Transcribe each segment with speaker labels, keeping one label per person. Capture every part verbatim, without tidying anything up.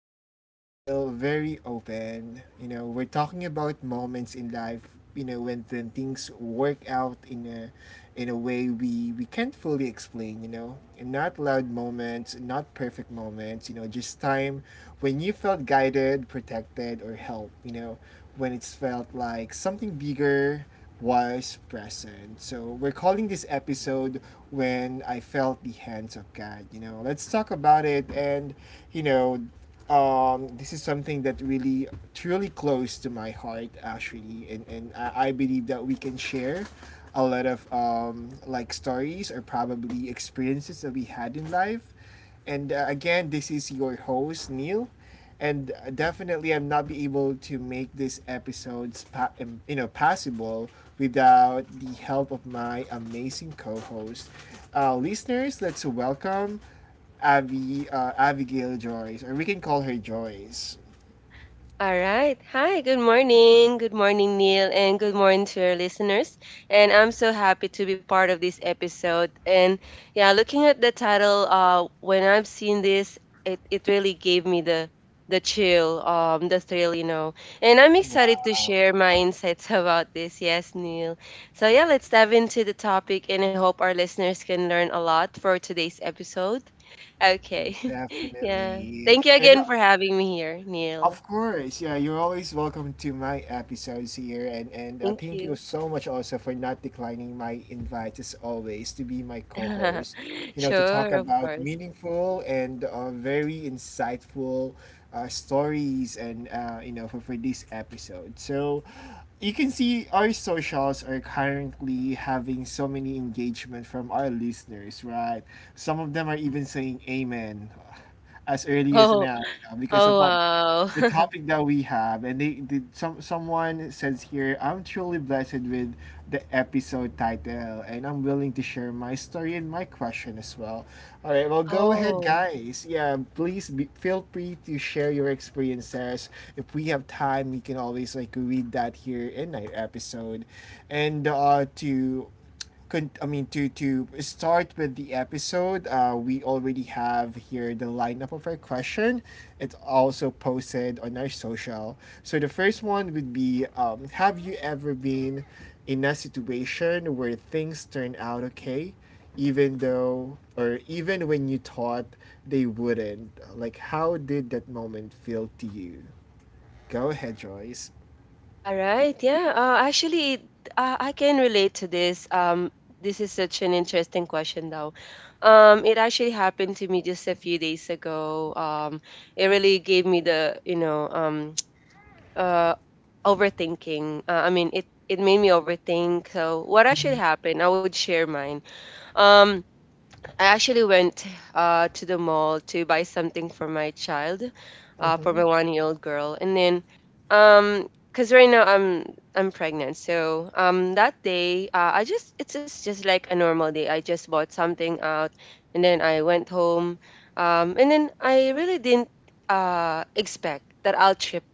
Speaker 1: you know, but still very open. You know, we're talking about moments in life, you know, when, when things work out in a in a way we we can't fully explain. You know, and not loud moments, not perfect moments. You know, just time when you felt guided, protected, or helped. You know, when it's felt like something bigger was present. So we're calling this episode When I Felt the Hands of God. You know, let's talk about it. And you know um, This is something that really truly close to my heart actually, and, and I, I believe that we can share a lot of um, like stories or probably experiences that we had in life. And uh, Again, this is your host, Neil. And uh, Definitely, I'm not be able to make these episodes, pa- um, you know, possible without the help of my amazing co-host. Uh, listeners, let's welcome Abby, uh, Abigail Joyce, or we can call her Joyce.
Speaker 2: All right. Hi, good morning. Good morning, Neil, and good morning to our listeners. And I'm so happy to be part of this episode. And yeah, looking at the title, uh, when I've seen this, it, it really gave me the the chill, um, the thrill, you know. And I'm excited to
Speaker 1: Wow,
Speaker 2: share my insights about this. Yes, Neil. So yeah, let's dive into the topic and I hope our listeners can learn a lot for today's episode. Okay. yeah.
Speaker 1: definitely.
Speaker 2: Thank you
Speaker 1: And
Speaker 2: again for having me here, Neil.
Speaker 1: of course, yeah, you're always welcome to my episodes here, and and uh,
Speaker 2: Thank
Speaker 1: thank you
Speaker 2: you.
Speaker 1: so much also for not declining my invite as always to be my co-host. You know, to talk
Speaker 2: Sure, of
Speaker 1: about
Speaker 2: course.
Speaker 1: meaningful and uh, very insightful uh, stories, and uh, you know, for for this episode. So, you can see our socials are currently having so many engagement from our listeners, right? Some of them are even saying "Amen" as early as
Speaker 2: Oh,
Speaker 1: now, you know, because of
Speaker 2: oh
Speaker 1: what the
Speaker 2: wow.
Speaker 1: topic that we have. And they did some someone says here, I'm truly blessed with the episode title, and I'm willing to share my story and my question as well. All right, well, go ahead,
Speaker 2: Oh,
Speaker 1: guys. Yeah, please be, feel free to share your experiences. If we have time, we can always like read that here in our episode, and uh, to con- I mean to to start with the episode, uh, we already have here the lineup of our question. It's also posted on our social. So the first one would be, um, have you ever been in a situation where things turned out okay, even though or even when you thought they wouldn't? Like, how did that moment feel to you? Go ahead, Joyce.
Speaker 2: all right. Yeah. Uh, actually, it- uh, I can relate to this. Um, this is such an interesting question, though. Um, it actually happened to me just a few days ago. Um, it really gave me the, you know, um, uh, overthinking. Uh, I mean, it it made me overthink. So, what
Speaker 1: Mm-hmm.
Speaker 2: actually happened? I would share mine. Um, I actually went uh, to the mall to buy something for my child, uh, for
Speaker 1: Mm-hmm.
Speaker 2: my one-year-old girl, and then, um, cause right now I'm I'm pregnant, so um that day uh, I just it's just just like a normal day. I just bought something out, and then I went home, um, and then I really didn't uh expect that I'll trip.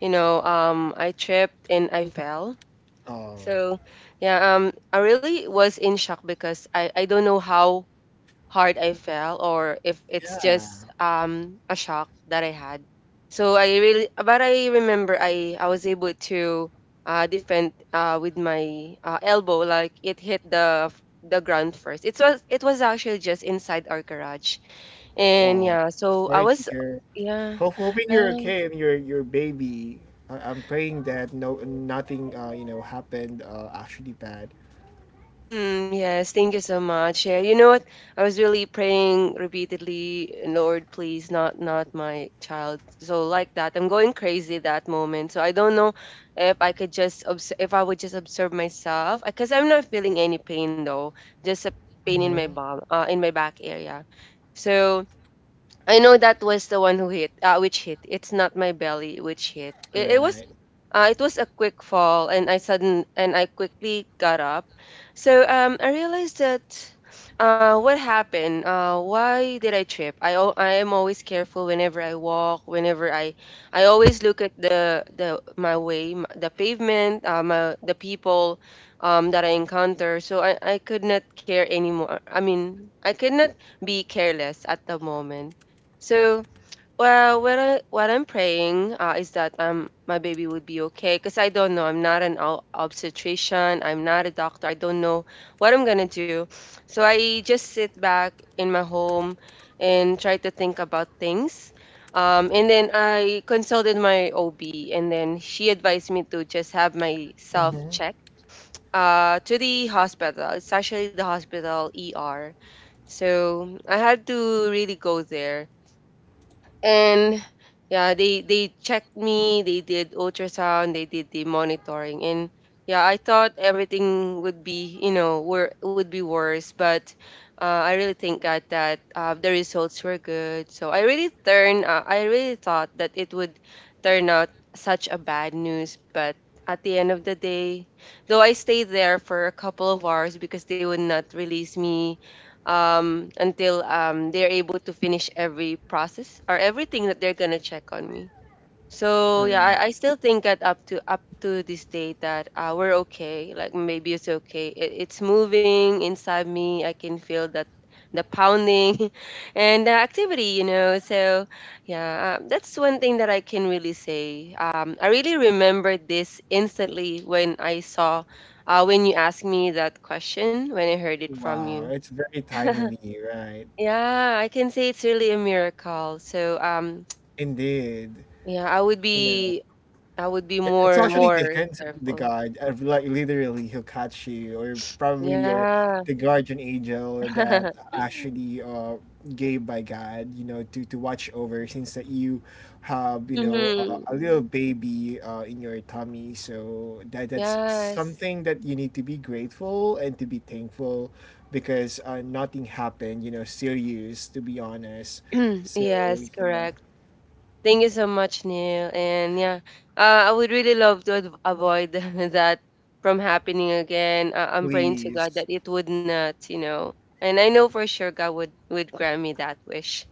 Speaker 2: You know, um, I tripped and I fell.
Speaker 1: Oh,
Speaker 2: So yeah, um, I really was in shock because I I don't know how hard I fell or if it's
Speaker 1: yeah.
Speaker 2: just um a shock that I had. So I really but I remember I I was able to uh defend uh with my uh, elbow like it hit the f- the ground first. It was it was actually just inside our garage. And
Speaker 1: Wow,
Speaker 2: yeah, so
Speaker 1: sorry
Speaker 2: I
Speaker 1: to
Speaker 2: was
Speaker 1: hear.
Speaker 2: yeah.
Speaker 1: Hope, hoping you're okay and your your baby. I, I'm praying that no nothing uh you know happened uh actually bad.
Speaker 2: Mm, yes, thank you so much. Yeah, you know what? I was really praying repeatedly, Lord, please, not not my child. So like that, I'm going crazy that moment. So I don't know if I could just obs if I would just observe myself, because I'm not feeling any pain though, just a pain in my
Speaker 1: Mm-hmm.
Speaker 2: bum, uh, in my back area. So I know that was the one who hit, uh, which hit. It's not my belly which hit.
Speaker 1: All
Speaker 2: It, it was,
Speaker 1: right.
Speaker 2: uh, it was a quick fall, and I sudden and I quickly got up. So um, I realized that, uh, what happened? Uh, why did I trip? I al- I am always careful whenever I walk. Whenever I, I always look at the the my way, m- the pavement, um, uh, the people, um, that I encounter. So I I could not care anymore. I mean, I could not be careless at the moment. So, well, what I, what I'm praying uh, is that um my baby would be okay because I don't know. I'm not an ob- obstetrician. I'm not a doctor. I don't know what I'm gonna do. So I just sit back in my home and try to think about things. Um, and then I consulted my O B, and then she advised me to just have myself
Speaker 1: Mm-hmm.
Speaker 2: checked uh, to the hospital. It's actually the hospital E R. So I had to really go there and yeah they they checked me they did ultrasound they did the monitoring and yeah I thought everything would be you know were would be worse but uh, I really thank God that uh, the results were good so i really turn uh, I really thought that it would turn out such a bad news but at the end of the day though I stayed there for a couple of hours because they would not release me um, until um, they're able to finish every process or everything that they're gonna check on me.
Speaker 1: All
Speaker 2: So yeah,
Speaker 1: right.
Speaker 2: I, I still think that up to up to this day that uh, we're okay. Like maybe it's okay. It, it's moving inside me. I can feel that the pounding and the activity. You know. So yeah, um, that's one thing that I can really say. Um, I really remember this instantly when I saw uh, when you asked me that question when I heard it from you.
Speaker 1: Wow, it's very timely, right?
Speaker 2: Yeah, I can say it's really a miracle. So um
Speaker 1: Indeed.
Speaker 2: yeah, I would
Speaker 1: You know.
Speaker 2: be I would be
Speaker 1: It- It's
Speaker 2: more
Speaker 1: actually the
Speaker 2: more
Speaker 1: hands of the
Speaker 2: careful.
Speaker 1: guard. uh, Like literally, he'll catch you, or probably your
Speaker 2: Yeah.
Speaker 1: the guardian angel that actually uh gave by God, you know, to to watch over since that you have you know uh, a little
Speaker 2: Mm-hmm.
Speaker 1: baby uh in your tummy. So that that's
Speaker 2: Yes.
Speaker 1: something that you need to be grateful and to be thankful because uh, nothing happened. You know, serious to be honest. So
Speaker 2: Yes,
Speaker 1: yeah,
Speaker 2: correct. Thank you so much, Neil. And yeah, uh, I would really love to ad- avoid that from happening again. Uh, I'm praying to God
Speaker 1: please.
Speaker 2: that it would not, you know. And I know for sure God would would grant me that wish.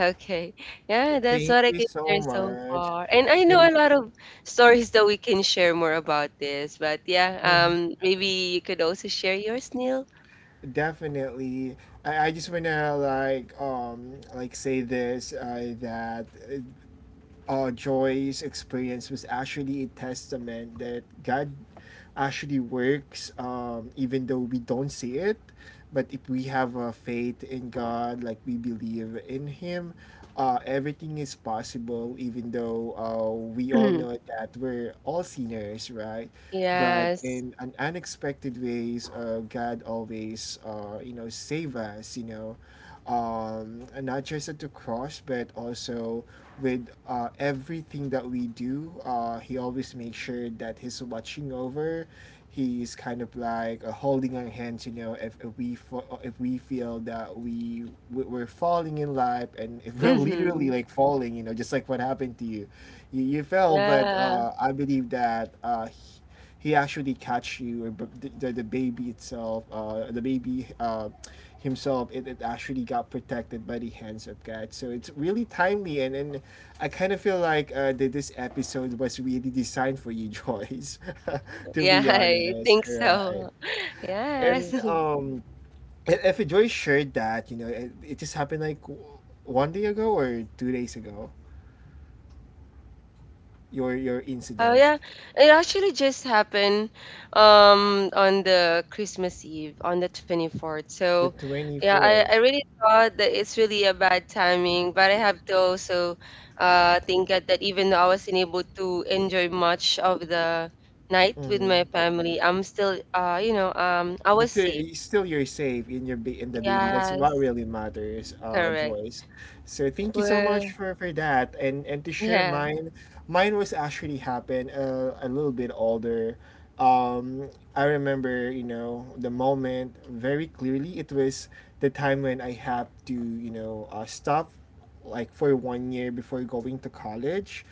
Speaker 2: Okay. Yeah, that's
Speaker 1: Thank
Speaker 2: what I
Speaker 1: you
Speaker 2: can
Speaker 1: so
Speaker 2: share so
Speaker 1: much.
Speaker 2: far. And I know
Speaker 1: And
Speaker 2: a lot of stories that we can share more about this, but yeah,
Speaker 1: mhm,
Speaker 2: um, maybe you could also share yours, Neil.
Speaker 1: definitely, I, I just wanna like um like say this uh, that uh, uh, Joy's experience was actually a testament that God actually works, um, even though we don't see it. But if we have a faith in God, like we believe in Him, uh, everything is possible, even though uh, we all know that we're all sinners, right? But
Speaker 2: Yes.
Speaker 1: in an unexpected ways, uh, God always, uh, you know, save us, you know, um, not just at the cross, but also with uh, everything that we do. Uh, he always makes sure that he's watching over. He's kind of like uh, holding our hands, you know, if, if we fo- if we feel that we we- we're falling in life, and if we're literally
Speaker 2: Mm-hmm.
Speaker 1: like falling, you know, just like what happened to you, you, you fell. But
Speaker 2: Yeah.
Speaker 1: uh, I believe that uh, he actually catch you or the, the, the baby itself, uh, the baby, uh, himself, it, it actually got protected by the hands of God. So it's really timely, and, and I kind of feel like uh, that this episode was really designed for you, Joyce, to
Speaker 2: Yeah,
Speaker 1: be
Speaker 2: I
Speaker 1: honest,
Speaker 2: think
Speaker 1: right?
Speaker 2: so. Yes.
Speaker 1: And um i- if Joyce shared that, you know, it, it just happened like w- one day ago or two days ago, your your
Speaker 2: Oh
Speaker 1: incident
Speaker 2: yeah, it actually just happened um on the Christmas Eve on the twenty-fourth. So
Speaker 1: the
Speaker 2: yeah, I, I
Speaker 1: twenty-fourth.
Speaker 2: really thought that it's really a bad timing, but I have to also uh think at that even though I wasn't able to enjoy much of the night with my family, I'm still uh you know um I was
Speaker 1: But uh,
Speaker 2: safe.
Speaker 1: it's still you're safe in your ba- in the baby. That's what
Speaker 2: Yes,
Speaker 1: really matters, uh,
Speaker 2: correct.
Speaker 1: Joyce. So thank you so much
Speaker 2: We're
Speaker 1: for, for that. and and to share
Speaker 2: yeah.
Speaker 1: mine. Mine was actually happened uh, a little bit older. Um, I remember you know the moment very clearly. It was the time when I had to you know uh, stop like for one year before going to college,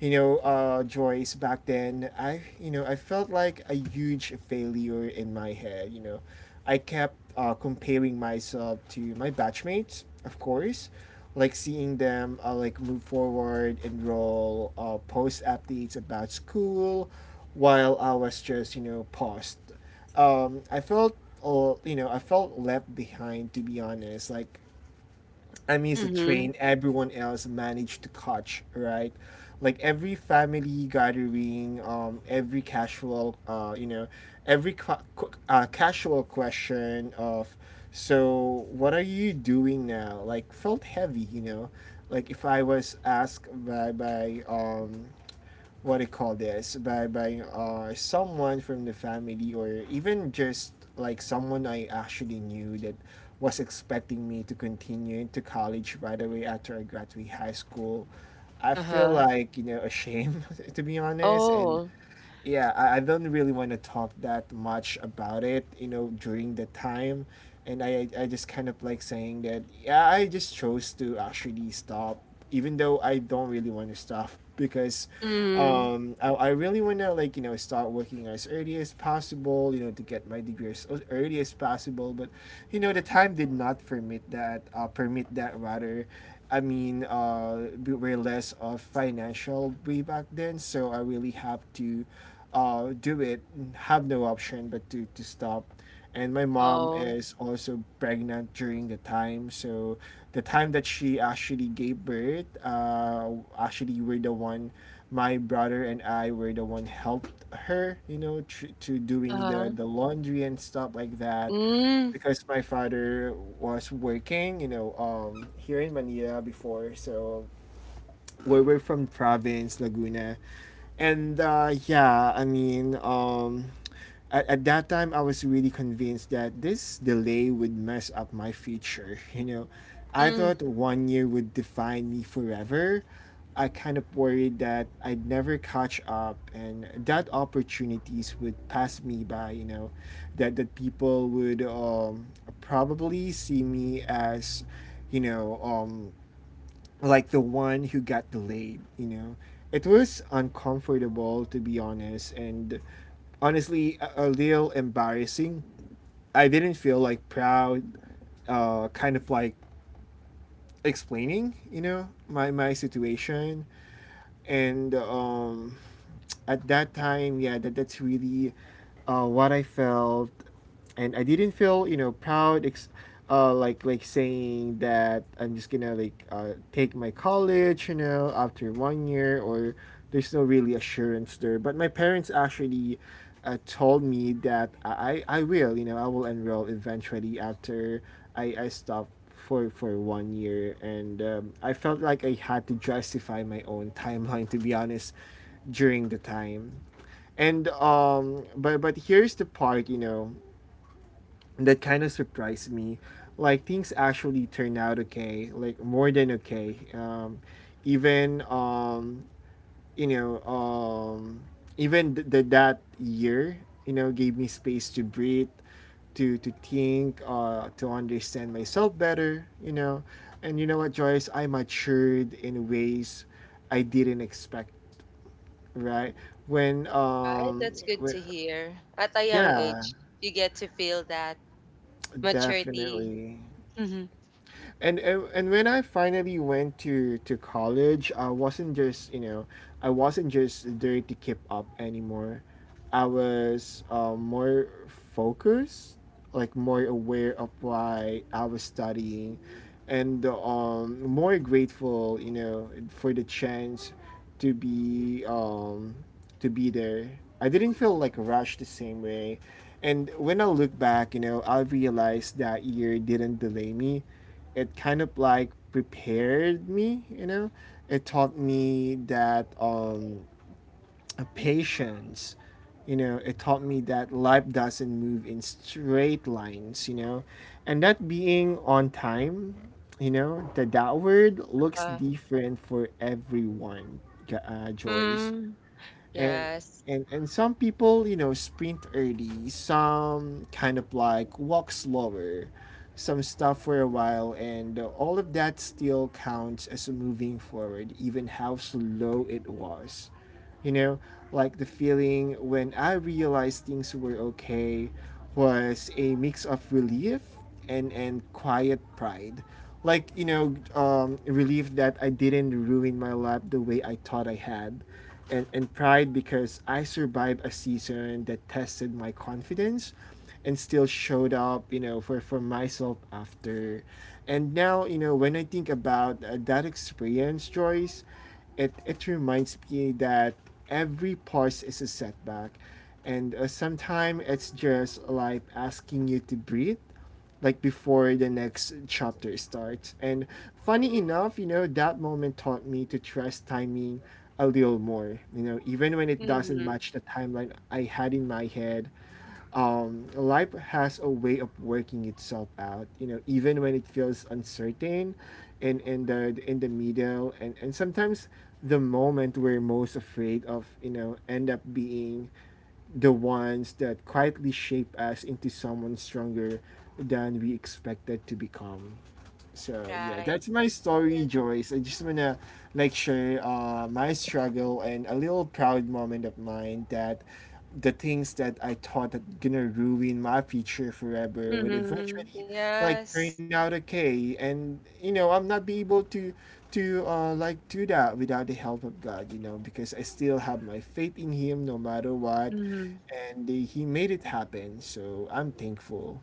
Speaker 1: you know, uh Joyce. Back then, i you know I felt like a huge failure in my head, you know. I kept uh comparing myself to my batchmates of course, like seeing them uh, like move forward, enroll, uh post updates about school while I was just you know paused. Um i felt uh, you know I felt left behind, to be honest. Like I mean, it's a
Speaker 2: Mm-hmm.
Speaker 1: train everyone else managed to catch, right? Like every family gathering, um, every casual, uh, you know, every ca- qu- uh, casual question of, so what are you doing now? Like felt heavy, you know. Like if I was asked by by um what do you call this by by uh someone from the family, or even just like someone I actually knew that was expecting me to continue into college right away after I graduate high school. I feel
Speaker 2: Uh-huh.
Speaker 1: like you know ashamed to be honest. and
Speaker 2: Oh.
Speaker 1: yeah, I, I don't really want to talk that much about it, you know, during the time. And I, I just kind of like saying that, yeah, I just chose to actually stop, even though I don't really want to stop because
Speaker 2: Mm.
Speaker 1: um, I, I really want to, like, you know, start working as early as possible, you know, to get my degree as as early as possible. But, you know, the time did not permit that, uh, permit that rather. I mean, uh, we were less of financial way back then, so I really have to uh, do it, have no option but to, to stop. And my mom
Speaker 2: Oh.
Speaker 1: is also pregnant during the time, so the time that she actually gave birth, uh, actually we're the one, my brother and I were the one helped her, you know, tr- to doing the,
Speaker 2: Uh-huh.
Speaker 1: the laundry and stuff like that
Speaker 2: Mhm.
Speaker 1: because my father was working, you know, um, here in Manila before. So where we're from province Laguna, and uh, yeah, I mean, um, at, at that time I was really convinced that this delay would mess up my future. You know, I thought one year would define me forever. I kind of worried that I'd never catch up and that opportunities would pass me by, you know, that that people would um probably see me as, you know, um like the one who got delayed, you know. It was uncomfortable, to be honest, and honestly a, a little embarrassing. I didn't feel like proud, uh kind of like explaining, you know, my my situation. And um At that time, yeah, that, that's really uh, what I felt, and I didn't feel you know proud, ex- uh, like like saying that I'm just gonna like uh, take my college, you know, after one year, or there's no really assurance there. But my parents actually uh, told me that I I will, you know, I will enroll eventually after I I stop for for one year. And um, i felt like I had to justify my own timeline, to be honest, during the time. And um but but here's the part, you know, that kind of surprised me. Like things actually turned out okay, like more than okay. Um even um you know, um even th- th- That year, you know, gave me space to breathe, to to think, uh to understand myself better, you know. And you know what, Joyce, I matured in ways I didn't expect, right? When
Speaker 2: Right?
Speaker 1: um,
Speaker 2: That's good
Speaker 1: when,
Speaker 2: to hear. At a young
Speaker 1: yeah,
Speaker 2: age, you get to feel that maturity.
Speaker 1: definitely.
Speaker 2: Hmm.
Speaker 1: And, and and when I finally went to to college, I wasn't just you know, I wasn't just there to keep up anymore. I was um, more focused, like more aware of why I was studying, and um, more grateful, you know, for the chance to be um, to be there. I didn't feel like rushed the same way, and when I look back, you know, I realized that year didn't delay me. It kind of like prepared me, you know. It taught me that um, uh, patience. You know it taught me that life doesn't move in straight lines, you know, and that being on time, you know, the that word looks
Speaker 2: Uh,
Speaker 1: different for everyone, J- uh, Joyce.
Speaker 2: mm,
Speaker 1: and
Speaker 2: yes.
Speaker 1: and and some people, you know, sprint early, some kind of like walk slower, some stuff for a while, and uh, all of that still counts as moving forward, even how slow it was, you know. Like the feeling when I realized things were okay was a mix of relief and and quiet pride. Like, you know, um, relief that I didn't ruin my life the way I thought I had, and and pride because I survived a season that tested my confidence and still showed up, you know, for for myself after. And now, you know, when I think about uh, that experience, Joyce, it it reminds me that every pause is a setback, and uh, sometimes it's just like asking you to breathe, like before the next chapter starts. And funny enough, you know, that moment taught me to trust timing a little more. You know, even when it doesn't
Speaker 2: Hmm.
Speaker 1: match the timeline I had in my head, um, life has a way of working itself out. You know, even when it feels uncertain, and in the in the middle, and and sometimes the moment we're most afraid of, you know, end up being the ones that quietly shape us into someone stronger than we expected to become. So yeah,
Speaker 2: Right.
Speaker 1: that's my story,
Speaker 2: Yes.
Speaker 1: Joyce. I just wanna like share uh, my struggle and a little proud moment of mine, that the things that I thought that gonna ruin my future forever would
Speaker 2: Hmm.
Speaker 1: eventually like
Speaker 2: Yes.
Speaker 1: turn out okay. And you know, I'm not be able to to uh, like do that without the help of God, you know, because I still have my faith in Him no matter what,
Speaker 2: Hmm.
Speaker 1: and He made it happen. So I'm thankful.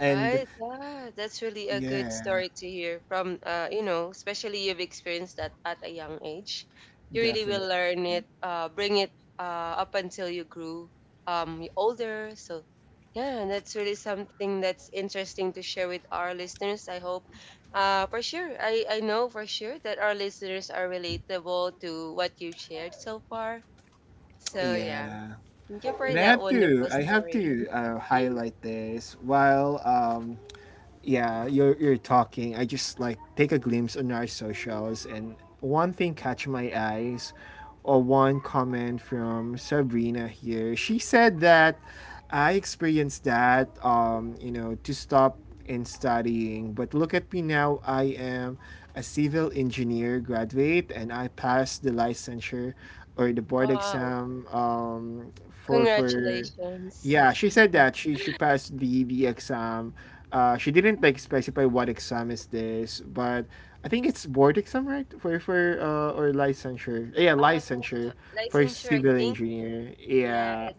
Speaker 1: And
Speaker 2: Yeah, that's really a good
Speaker 1: yeah.
Speaker 2: story to hear from uh, you know, especially you've experienced that at a young age. You really will learn
Speaker 1: Definitely.
Speaker 2: it, uh, bring it uh, up until you grew um you older. So yeah, that's really something that's interesting to share with our listeners. I hope uh for sure. I I know for sure that our listeners are relatable to what you've shared so far. So yeah,
Speaker 1: Yeah.
Speaker 2: thank you for
Speaker 1: And I
Speaker 2: that
Speaker 1: have to
Speaker 2: wonderful
Speaker 1: I have
Speaker 2: story.
Speaker 1: to uh, highlight this while um yeah, you're you're talking. I just like take a glimpse on our socials, and one thing catch my eyes, or one comment from Sabrina here. She said that I experienced that, um, you know, to stop in studying, but look at me now. I am a civil engineer graduate, and I passed the licensure or the board
Speaker 2: Wow.
Speaker 1: exam um, for for
Speaker 2: Congratulations.
Speaker 1: yeah, she said that she she passed the the exam. Uh, she didn't like specify what exam is this, but I think it's board exam, right? For for uh, or licensure. Yeah,
Speaker 2: Uh,
Speaker 1: licensure for
Speaker 2: licensure, I
Speaker 1: civil
Speaker 2: think.
Speaker 1: engineer.
Speaker 2: Yeah.
Speaker 1: Yeah.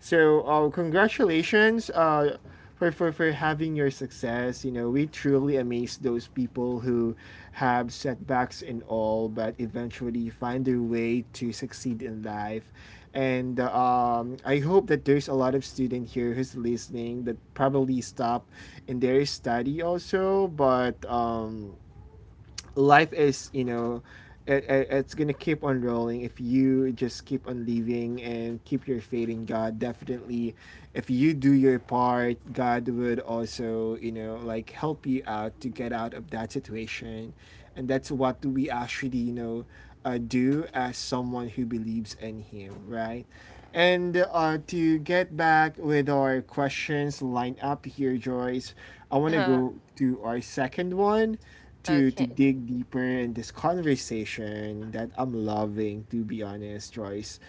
Speaker 1: So uh, congratulations uh, for, for, for having your success. You know, we truly amaze those people who have setbacks and all, but eventually find their way to succeed in life. And uh, um, I hope that there's a lot of student here who's listening that probably stop in their study also, but um, life is, you know, it, it, it's gonna keep on rolling if you just keep on living and keep your faith in God. Definitely, if you do your part, God would also, you know, like help you out to get out of that situation, and that's what we actually, you know, uh, do as someone who believes in Him, right? And uh, to get back with our questions lined up here, Joyce, I want to
Speaker 2: Uh-huh.
Speaker 1: go to our second one, to to
Speaker 2: Okay.
Speaker 1: dig deeper in this conversation that I'm loving, to be honest, Joyce.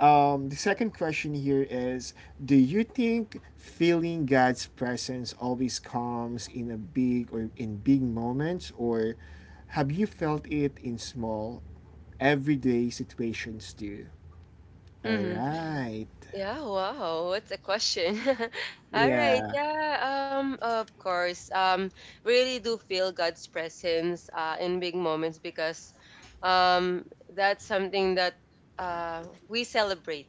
Speaker 1: Um, the second question here is, do you think feeling God's presence always comes in a big or in big moments, or have you felt it in small, everyday situations too? All
Speaker 2: Mm-hmm.
Speaker 1: right.
Speaker 2: Yeah, wow. What's a question? All right.
Speaker 1: Yeah.
Speaker 2: Yeah, um, of course. Um, really do feel God's presence uh in big moments because um that's something that uh we celebrate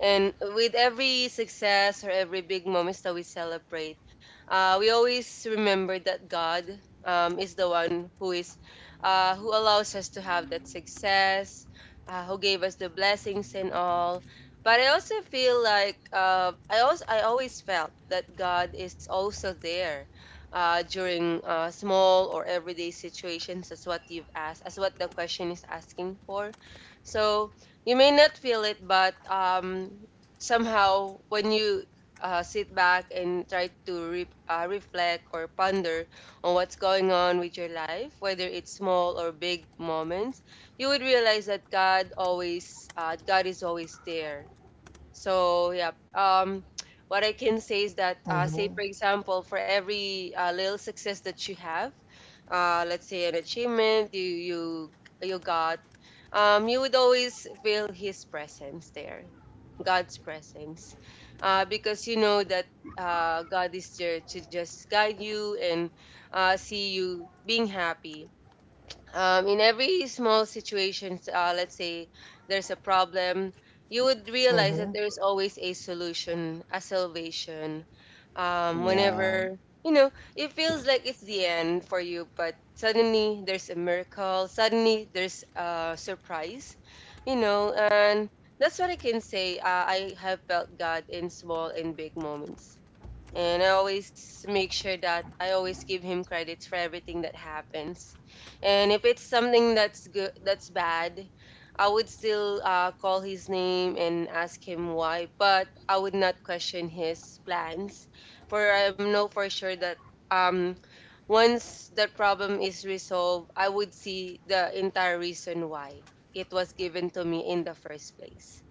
Speaker 2: And with every success or every big moments that we celebrate, uh, we always remember that God um, is the one who is uh, who allows us to have that success, uh, who gave us the blessings and all. But I also feel like uh, I also I always felt that God is also there uh, during uh, small or everyday situations, as what you've asked, as what the question is asking for. So you may not feel it, but um, somehow when you uh, sit back and try to re- uh, reflect or ponder on what's going on with your life, whether it's small or big moments, you would realize that God always, uh, God is always there so yeah, um, what I can say is that, uh, say
Speaker 1: Mm-hmm.
Speaker 2: for example, for every uh, little success that you have, uh, let's say an achievement you you you got, um, you would always feel His presence there, God's presence, uh, because you know that uh, God is there to just guide you and uh, see you being happy um, in every small situations, uh, let's say there's a problem, you would realize that
Speaker 1: Mm-hmm.
Speaker 2: there is always a solution, a salvation. Um,
Speaker 1: Wow.
Speaker 2: whenever you know, it feels like it's the end for you, but suddenly there's a miracle. Suddenly there's a surprise, you know, and that's what I can say. Uh, I have felt God in small and big moments. And I always make sure that I always give him credits for everything that happens. And if it's something that's good, that's bad, I would still uh, call his name and ask him why, but I would not question his plans. For I know for sure that um, once the problem is resolved, I would see the entire reason why it was given to me in the first place.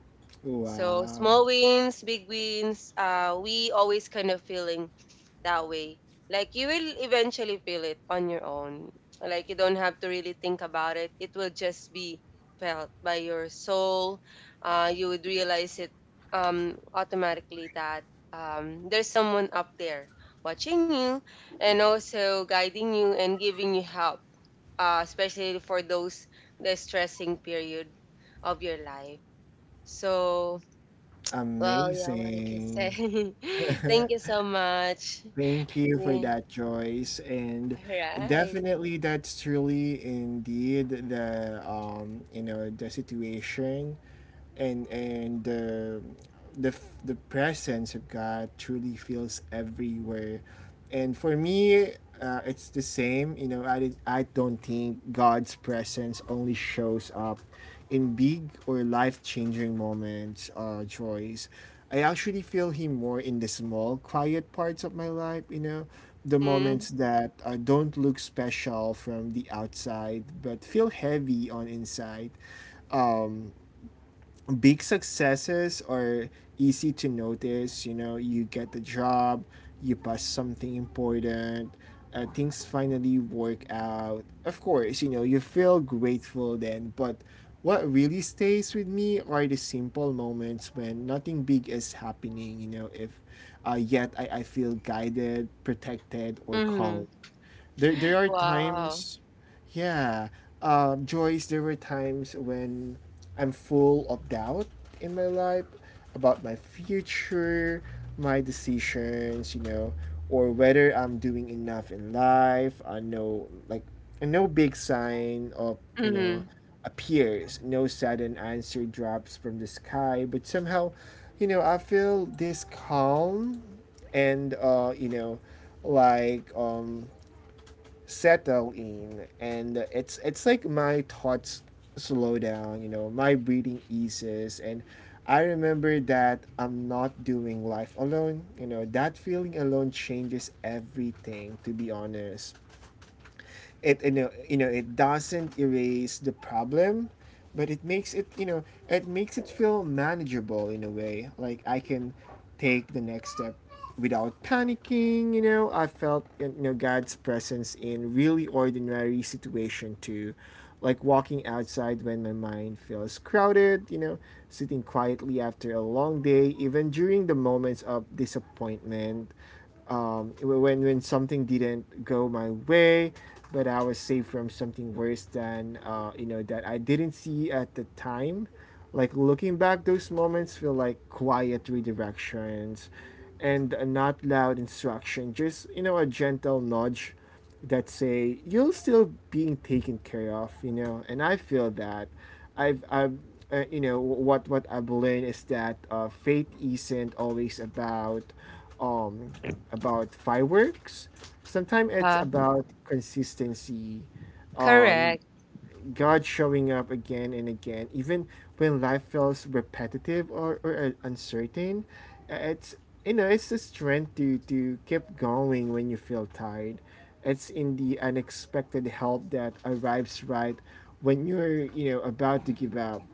Speaker 2: So
Speaker 1: Wow.
Speaker 2: small wins, big wins, uh, we always kind of feeling that way. Like you will eventually feel it on your own. Like you don't have to really think about it. It will just be felt by your soul. Uh, you would realize it um, automatically that um, there's someone up there watching you and also guiding you and giving you help, uh, especially for those distressing period of your life. So well, yeah, what I can say.
Speaker 1: Amazing.
Speaker 2: Thank you so much.
Speaker 1: Thank you for
Speaker 2: Yeah.
Speaker 1: that, Joyce.
Speaker 2: All
Speaker 1: And
Speaker 2: right.
Speaker 1: definitely, that's truly indeed the um you know the situation, and and the the the presence of God truly feels everywhere. And for me, uh, it's the same, you know. i did, I don't think God's presence only shows up in big or life-changing moments, uh joys I actually feel Him more in the small quiet parts of my life, you know, the
Speaker 2: Mm-hmm.
Speaker 1: moments that uh, don't look special from the outside but feel heavy on inside. um Big successes are easy to notice. You know, you get the job, you pass something important, uh, things finally work out. Of course, you know, you feel grateful then, but what really stays with me are the simple moments when nothing big is happening, you know, if uh, yet I, I feel guided, protected, or
Speaker 2: Mm-hmm.
Speaker 1: calm. there there are
Speaker 2: Wow.
Speaker 1: times, yeah, um, Joyce, there were times when I'm full of doubt in my life, about my future, my decisions, you know, or whether I'm doing enough in life. I know, like, no big sign of, you know,
Speaker 2: Mm-hmm.
Speaker 1: appears, no sudden answer drops from the sky, but somehow, you know, I feel this calm, and uh you know, like um settle in. And it's it's like my thoughts slow down, you know, my breathing eases, and I remember that I'm not doing life alone. You know, that feeling alone changes everything, to be honest. It, you know, you know it doesn't erase the problem, but it makes it, you know, it makes it feel manageable in a way, like I can take the next step without panicking. You know, I felt, you know, God's presence in really ordinary situation too, like walking outside when my mind feels crowded, you know, sitting quietly after a long day, even during the moments of disappointment. Um, when when something didn't go my way, but I was saved from something worse than, uh, you know, that I didn't see at the time. Like looking back, those moments feel like quiet redirections, and a not loud instruction, just, you know, a gentle nudge that say you're still being taken care of, you know, and I feel that. I've I've uh, You know, what what I've learned is that uh, faith isn't always about um about fireworks. Sometimes it's
Speaker 2: Uh-huh.
Speaker 1: about consistency. um
Speaker 2: Correct.
Speaker 1: God showing up again and again, even when life feels repetitive, or, or uh, uncertain. Uh, It's, you know, it's the strength to to keep going when you feel tired. It's in the unexpected help that arrives right when you're, you know, about to give up.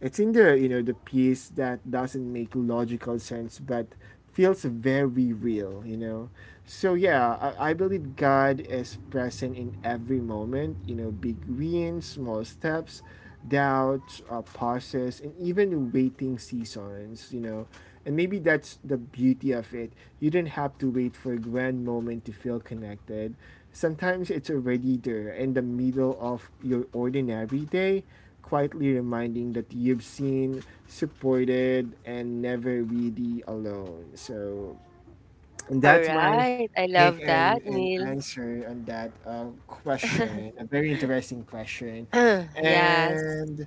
Speaker 1: It's in the, you know, the piece that doesn't make logical sense but feels very real, you know. So yeah, I, I believe God is present in every moment, you know, big wins, small steps, doubts, uh, pauses, and even waiting seasons, you know. And maybe that's the beauty of it. You don't have to wait for a grand moment to feel connected. Sometimes it's already there in the middle of your ordinary day, quietly reminding that you've seen, supported, and never really alone. So, and that's
Speaker 2: All
Speaker 1: my
Speaker 2: right. I
Speaker 1: take
Speaker 2: love that,
Speaker 1: and, and
Speaker 2: Neil.
Speaker 1: answer on that uh, question. A very interesting question.
Speaker 2: yes.
Speaker 1: And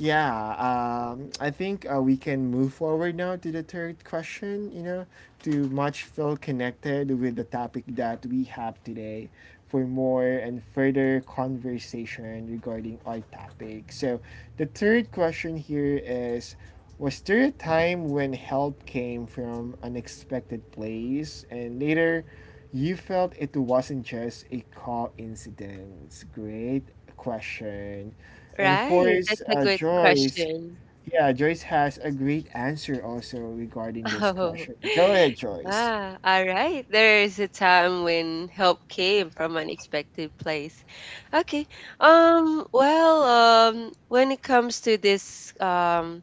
Speaker 1: yeah, um, I think uh, we can move forward now to the third question, you know, to much feel connected with the topic that we have today for more and further conversation regarding our topic. So the third question here is, was there a time when help came from an unexpected place and later you felt it wasn't just a coincidence? Great question. And of
Speaker 2: Right.
Speaker 1: course,
Speaker 2: That's a
Speaker 1: uh,
Speaker 2: good
Speaker 1: Joyce,
Speaker 2: question.
Speaker 1: yeah, Joyce has a great answer also regarding this
Speaker 2: Oh,
Speaker 1: question. Go ahead, Joyce.
Speaker 2: yeah. All right. There is a time when help came from unexpected place. Okay. Um, well, um, when it comes to this, um,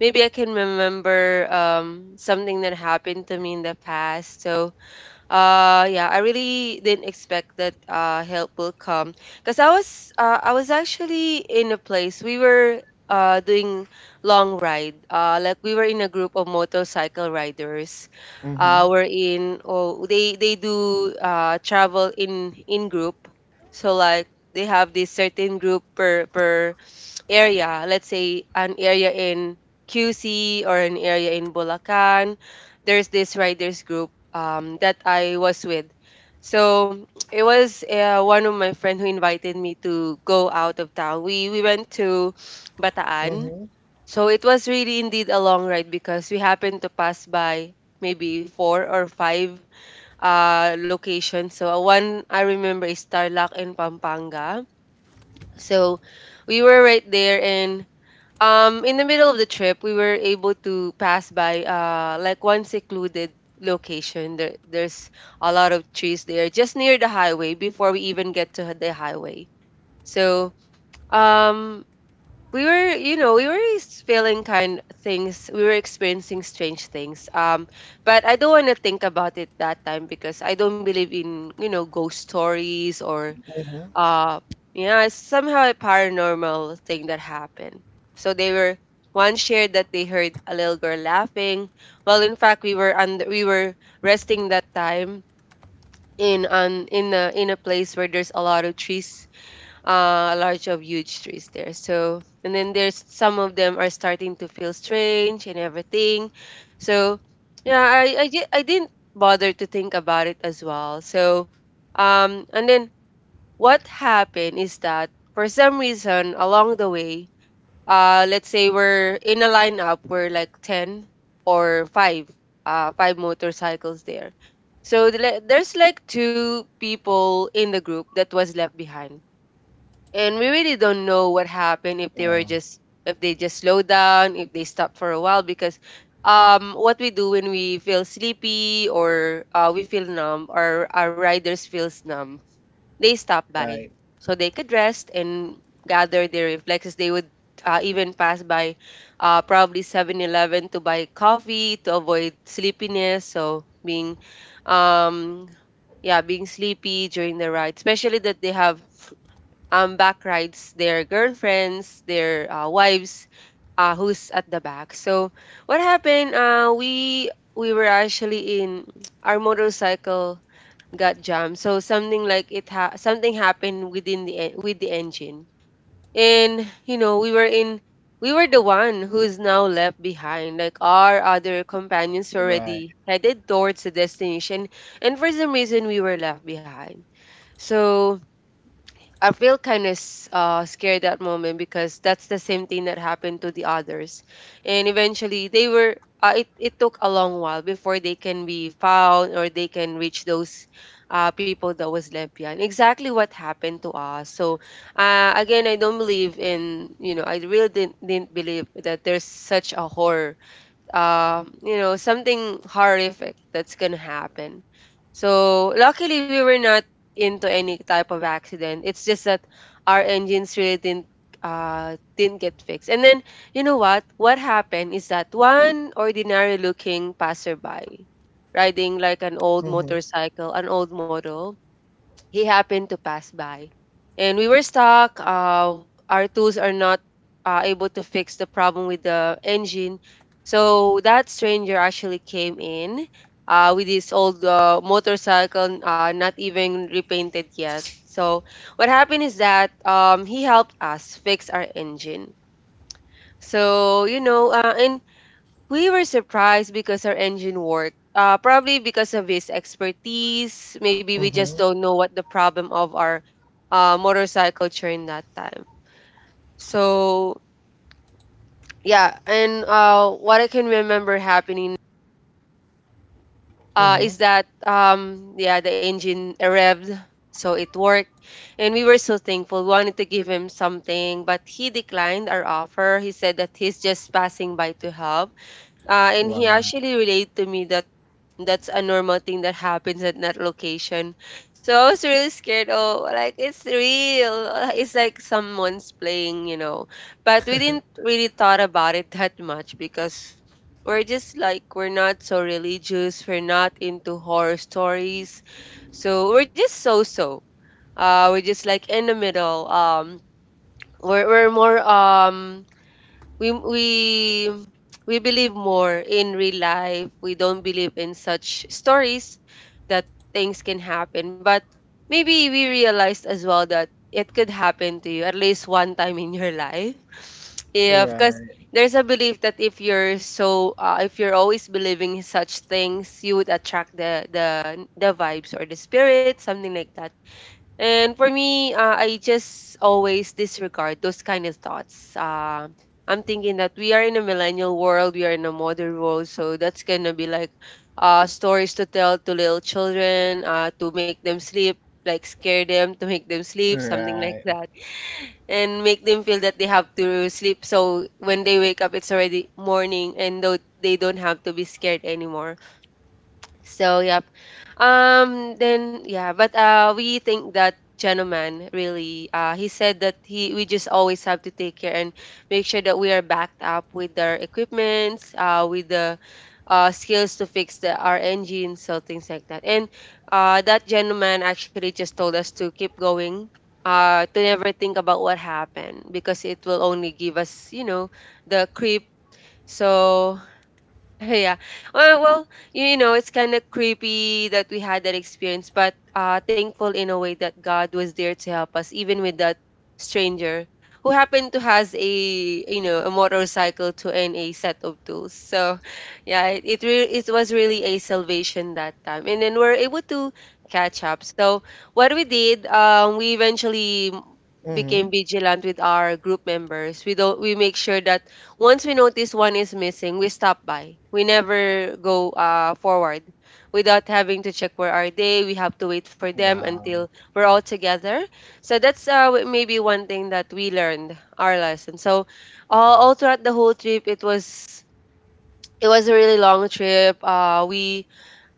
Speaker 2: maybe I can remember um something that happened to me in the past. So, uh, yeah, I really didn't expect that uh, help will come because I was uh, I was actually in a place we were uh, doing long ride. Uh, like we were in a group of motorcycle riders.
Speaker 1: Mm-hmm.
Speaker 2: Uh, we're in oh they they do uh, travel in in group. So like they have this certain group per per area. Let's say an area in Q C or an area in Bulacan, there's this riders group um, that I was with. So it was uh, one of my friend who invited me to go out of town. We we went to Bataan.
Speaker 1: Mm-hmm.
Speaker 2: So it was really indeed a long ride because we happened to pass by maybe four or five uh, locations. So uh, one I remember is Tarlac and Pampanga. So we were right there and um, in the middle of the trip, we were able to pass by uh like one secluded location. There, there's a lot of trees there, just near the highway before we even get to the highway. So, um, we were, you know, we were s- feeling kind things. We were experiencing strange things. Um, but I don't want to think about it that time because I don't believe in, you know, ghost stories or
Speaker 1: Mm-hmm.
Speaker 2: uh, yeah, it's somehow a paranormal thing that happened. So they were, one shared that they heard a little girl laughing. Well, in fact, we were under we were resting that time in on in a in a place where there's a lot of trees, uh a lot of huge trees there. So, and then there's some of them are starting to feel strange and everything. So yeah, i i, di- I didn't bother to think about it as well. So um and then what happened is that for some reason along the way, uh, let's say we're in a lineup, we're like ten or five, uh, five motorcycles there. So the le- there's like two people in the group that was left behind. And we really don't know what happened if they were
Speaker 1: Oh,
Speaker 2: just, if they just slowed down, if they stopped for a while because um what we do when we feel sleepy or uh, we feel numb or our riders feels numb, they stopped by
Speaker 1: right.
Speaker 2: so they could rest and gather their reflexes. They would uh, even pass by uh, probably Seven Eleven to buy coffee to avoid sleepiness. So, being, um, yeah, being sleepy during the ride, especially that they have um, back rides, their girlfriends, their uh, wives, uh, who's at the back. So what happened? Uh, we we were actually in our motorcycle got jammed. So something like it ha- something happened within the en- with the engine, and you know we were in, we were the one who's now left behind. Like our other companions were
Speaker 1: Right.
Speaker 2: already headed towards the destination, and for some reason we were left behind. So I feel kind of uh, scared that moment because that's the same thing that happened to the others, and eventually they were. Uh, it it took a long while before they can be found or they can reach those uh, people that was left behind. Exactly what happened to us. So uh, again, I don't believe in, you know, I really didn't didn't believe that there's such a horror, uh, you know, something horrific that's gonna happen. So luckily we were not into any type of accident. It's just that our engines really didn't uh didn't get fixed. And then you know what? What happened is that one ordinary looking passerby riding like an old
Speaker 1: Mm-hmm.
Speaker 2: motorcycle, an old model, he happened to pass by, and we were stuck. Uh, our tools are not uh, able to fix the problem with the engine. So that stranger actually came in uh, with his old uh, motorcycle, uh, not even repainted yet. So what happened is that um, he helped us fix our engine. So you know, uh, and we were surprised because our engine worked. Uh, probably because of his expertise. Maybe we just
Speaker 1: Mm-hmm.
Speaker 2: don't know what the problem of our uh, motorcycle during that time. So yeah, and uh, what I can remember happening
Speaker 1: Mm-hmm.
Speaker 2: uh, is that um, yeah, the engine revved, so it worked, and we were so thankful. We wanted to give him something, but he declined our offer. He said that he's just passing by to help, uh, and he
Speaker 1: Wow.
Speaker 2: actually relayed to me that that's a normal thing that happens at that location. So I was really scared. Oh, like it's real. uh, It's like someone's playing, you know. But we didn't really thought about it that much because we're just like, we're not so religious. We're not into horror stories, so we're just so so. Uh, we're just like in the middle. Um, we're we're more um, we we we believe more in real life. We don't believe in such stories that things can happen. But maybe we realized as well that it could happen to you at least one time in your life. Yeah, because
Speaker 1: Right.
Speaker 2: there's a belief that if you're so uh, if you're always believing in such things, you would attract the the the vibes or the spirit, something like that. And for me, uh, I just always disregard those kind of thoughts. Um, I'm thinking that we are in a millennial world, we are in a modern world, so that's gonna be like uh, stories to tell to little children, uh, to make them sleep, like scare them to make them sleep, something like
Speaker 1: Right.
Speaker 2: that, and make them feel that they have to sleep. So when they wake up, it's already morning, and though they don't have to be scared anymore. So yep. Um, then yeah, but uh, we think that gentleman really uh he said that he we just always have to take care and make sure that we are backed up with our equipments, uh, with the uh skills to fix the our engines, so things like that. And uh that gentleman actually just told us to keep going. Uh, to never think about what happened because it will only give us, you know, the creep. So yeah. Well, well, you know, it's kind of creepy that we had that experience, but uh, thankful in a way that God was there to help us, even with that stranger who happened to has a, you know, a motorcycle to and a set of tools. So, yeah, it it, re- it was really a salvation that time, and then we're able to catch up. So what we did, um, we eventually
Speaker 1: Mm-hmm.
Speaker 2: became vigilant with our group members. We don't We make sure that once we notice one is missing, we stop by. We never go uh, forward without having to check where are they. We have to wait for them
Speaker 1: Wow.
Speaker 2: until we're all together. So that's uh, w- maybe one thing that we learned our lesson. So uh, all throughout the whole trip, it was it was a really long trip. Uh, we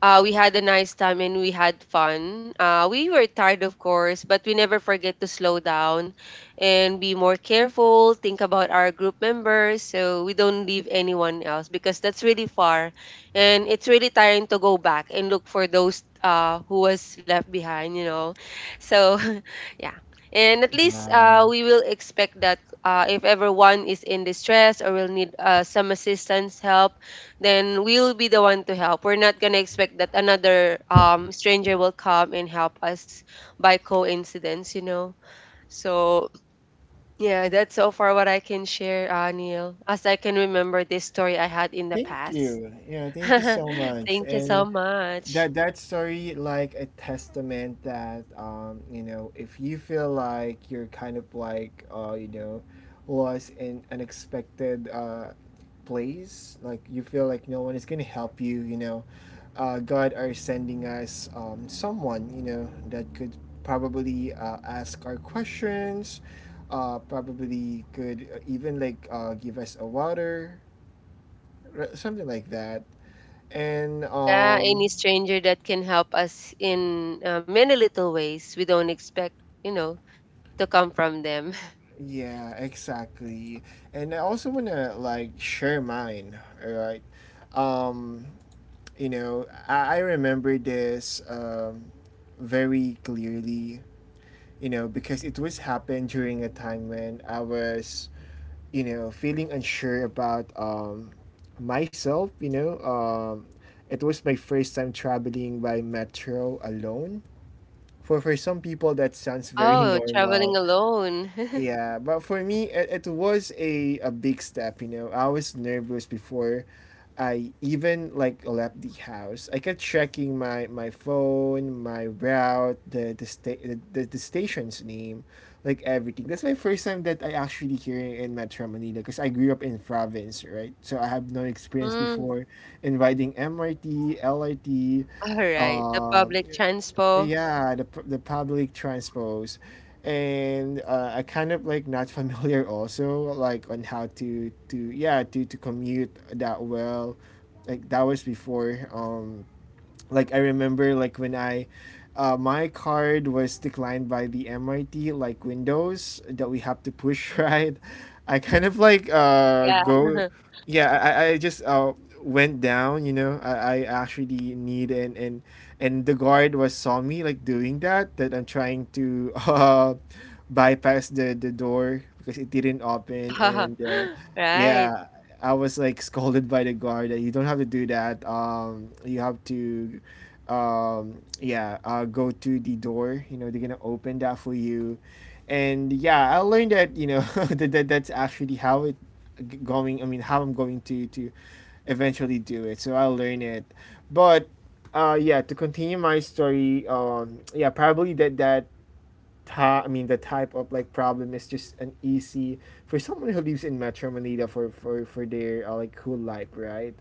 Speaker 2: uh, we had a nice time and we had fun. Uh, we were tired, of course, but we never forget to slow down and be more careful, think about our group members so we don't leave anyone else because that's really far. And it's really tiring to go back and look for those uh, who was left behind, you know. So, yeah. And at least uh,
Speaker 1: Wow.
Speaker 2: we will expect that uh, if everyone is in distress or will need uh, some assistance, help, then we'll be the one to help. We're not gonna expect that another um, stranger will come and help us by coincidence, you know. So yeah, that's so far what I can share, uh, Neil. As I can remember this story I had in the
Speaker 1: Thank
Speaker 2: past.
Speaker 1: you. Yeah, thank you so much.
Speaker 2: Thank you so
Speaker 1: And
Speaker 2: much.
Speaker 1: that that story like a testament that um you know, if you feel like you're kind of like uh you know, lost in unexpected uh place, like you feel like no one is gonna help you, you know, uh God are sending us um someone, you know, that could probably uh, ask our questions, uh probably could even like uh give us a water, r- something like that, and
Speaker 2: Yeah,
Speaker 1: um
Speaker 2: any stranger that can help us in uh, many little ways we don't expect, you know, to come from them.
Speaker 1: yeah, exactly. And I also want to like share mine, all right? Um, you know, I, I remember this um, very clearly, you know, because it was happened during a time when I was, you know, feeling unsure about um, myself, you know. Um, it was my first time traveling by metro alone. For for some people that sounds very
Speaker 2: Oh, traveling
Speaker 1: normal,
Speaker 2: alone.
Speaker 1: yeah, but for me, it, it was a, a big step, you know. I was nervous before I even like left the house. I kept checking my, my phone, my route, the the, sta- the the the station's name, like everything. That's my first time that I actually here in Metro Manila because I grew up in province, right? So I have no experience
Speaker 2: Mm,
Speaker 1: before in riding M R T, L R T,
Speaker 2: all right. The
Speaker 1: uh,
Speaker 2: public transport.
Speaker 1: yeah, the, pu- the public transpose, and uh, I kind of like not familiar also like on how to to yeah, to to commute that well. Like that was before. Um like I remember like when I uh, my card was declined by the M R T, like Windows that we have to push right. I kind of like uh
Speaker 2: Yeah.
Speaker 1: go, yeah. I I I just uh went down. You know, I I actually need and and and the guard was saw me like doing that that I'm trying to uh bypass the the door because it didn't open and uh,
Speaker 2: Right.
Speaker 1: yeah, I was like scolded by the guard that you don't have to do that. Um, you have to, um, yeah, uh, go to the door. You know, they're gonna open that for you, and yeah, I learned that you know that, that that's actually how it g- going. I mean, how I'm going to to eventually do it. So I learned it, but uh, yeah, to continue my story, um, yeah, probably that that ta- I mean the type of like problem is just an easy for someone who lives in Metro Manila for for for their uh, like whole life, right?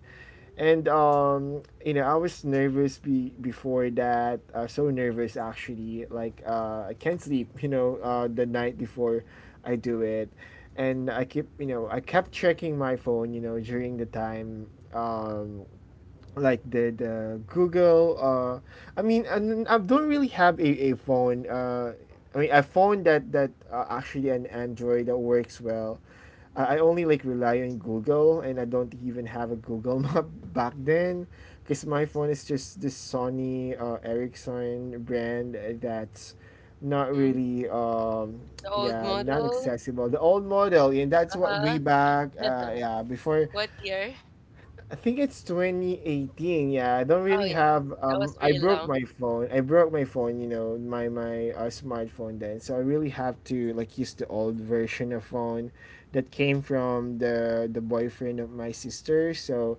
Speaker 1: And um, you know, I was nervous be- before that. Uh, so nervous actually. Like uh, I can't sleep. You know, uh, the night before I do it, and I keep you know I kept checking my phone. You know, during the time um like the the Google. Uh, I mean, and I don't really have a, a phone. Uh, I mean, I found that that uh, actually an Android that works well. I, I only like rely on Google, and I don't even have a Google Map back then, because my phone is just this Sony uh, Ericsson brand that's not
Speaker 2: Mhm.
Speaker 1: really um
Speaker 2: The old
Speaker 1: yeah, not
Speaker 2: model.
Speaker 1: accessible, the old model, and that's what way
Speaker 2: Uh-huh.
Speaker 1: back uh yeah, before
Speaker 2: What year?
Speaker 1: I think it's twenty eighteen. Yeah, I don't
Speaker 2: Oh
Speaker 1: really
Speaker 2: yeah.
Speaker 1: have.
Speaker 2: That
Speaker 1: Um,
Speaker 2: was
Speaker 1: I
Speaker 2: really
Speaker 1: broke
Speaker 2: long.
Speaker 1: my phone. I broke my phone. You know, my my uh, smartphone then. So I really have to like use the old version of phone that came from the the boyfriend of my sister. So,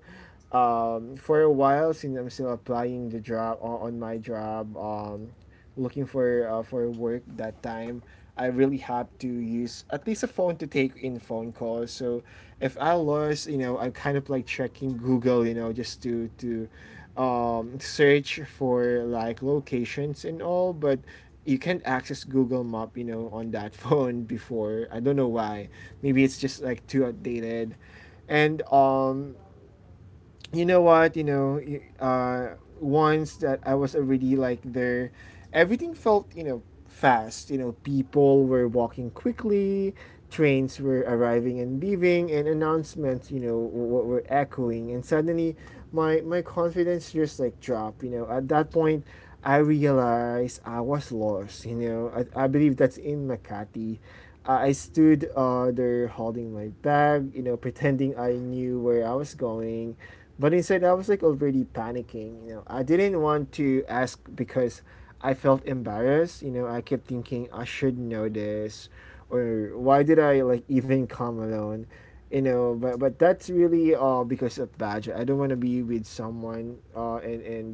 Speaker 1: um, for a while since I'm still applying the job on, on my job, um, looking for uh, for work that time. I really have to use at least a phone to take in phone calls. So if I lost, you know, I'm kind of like checking Google, you know, just to to um, search for like locations and all, but you can't access Google Map, you know, on that phone before. I don't know why. Maybe it's just like too outdated. And um you know what, you know y- uh once that I was already like there, everything felt, you know, fast. You know, people were walking quickly, trains were arriving and leaving, and announcements, you know, w- were echoing. And suddenly, my my confidence just like dropped. You know, at that point, I realized I was lost. You know, I, I believe that's in Makati. I I stood uh, there holding my bag, you know, pretending I knew where I was going. But inside I was like already panicking. You know, I didn't want to ask because I felt embarrassed. You know, I kept thinking I should know this, or why did I like even come alone? You know, but but that's really uh because of budget. I don't want to be with someone uh and and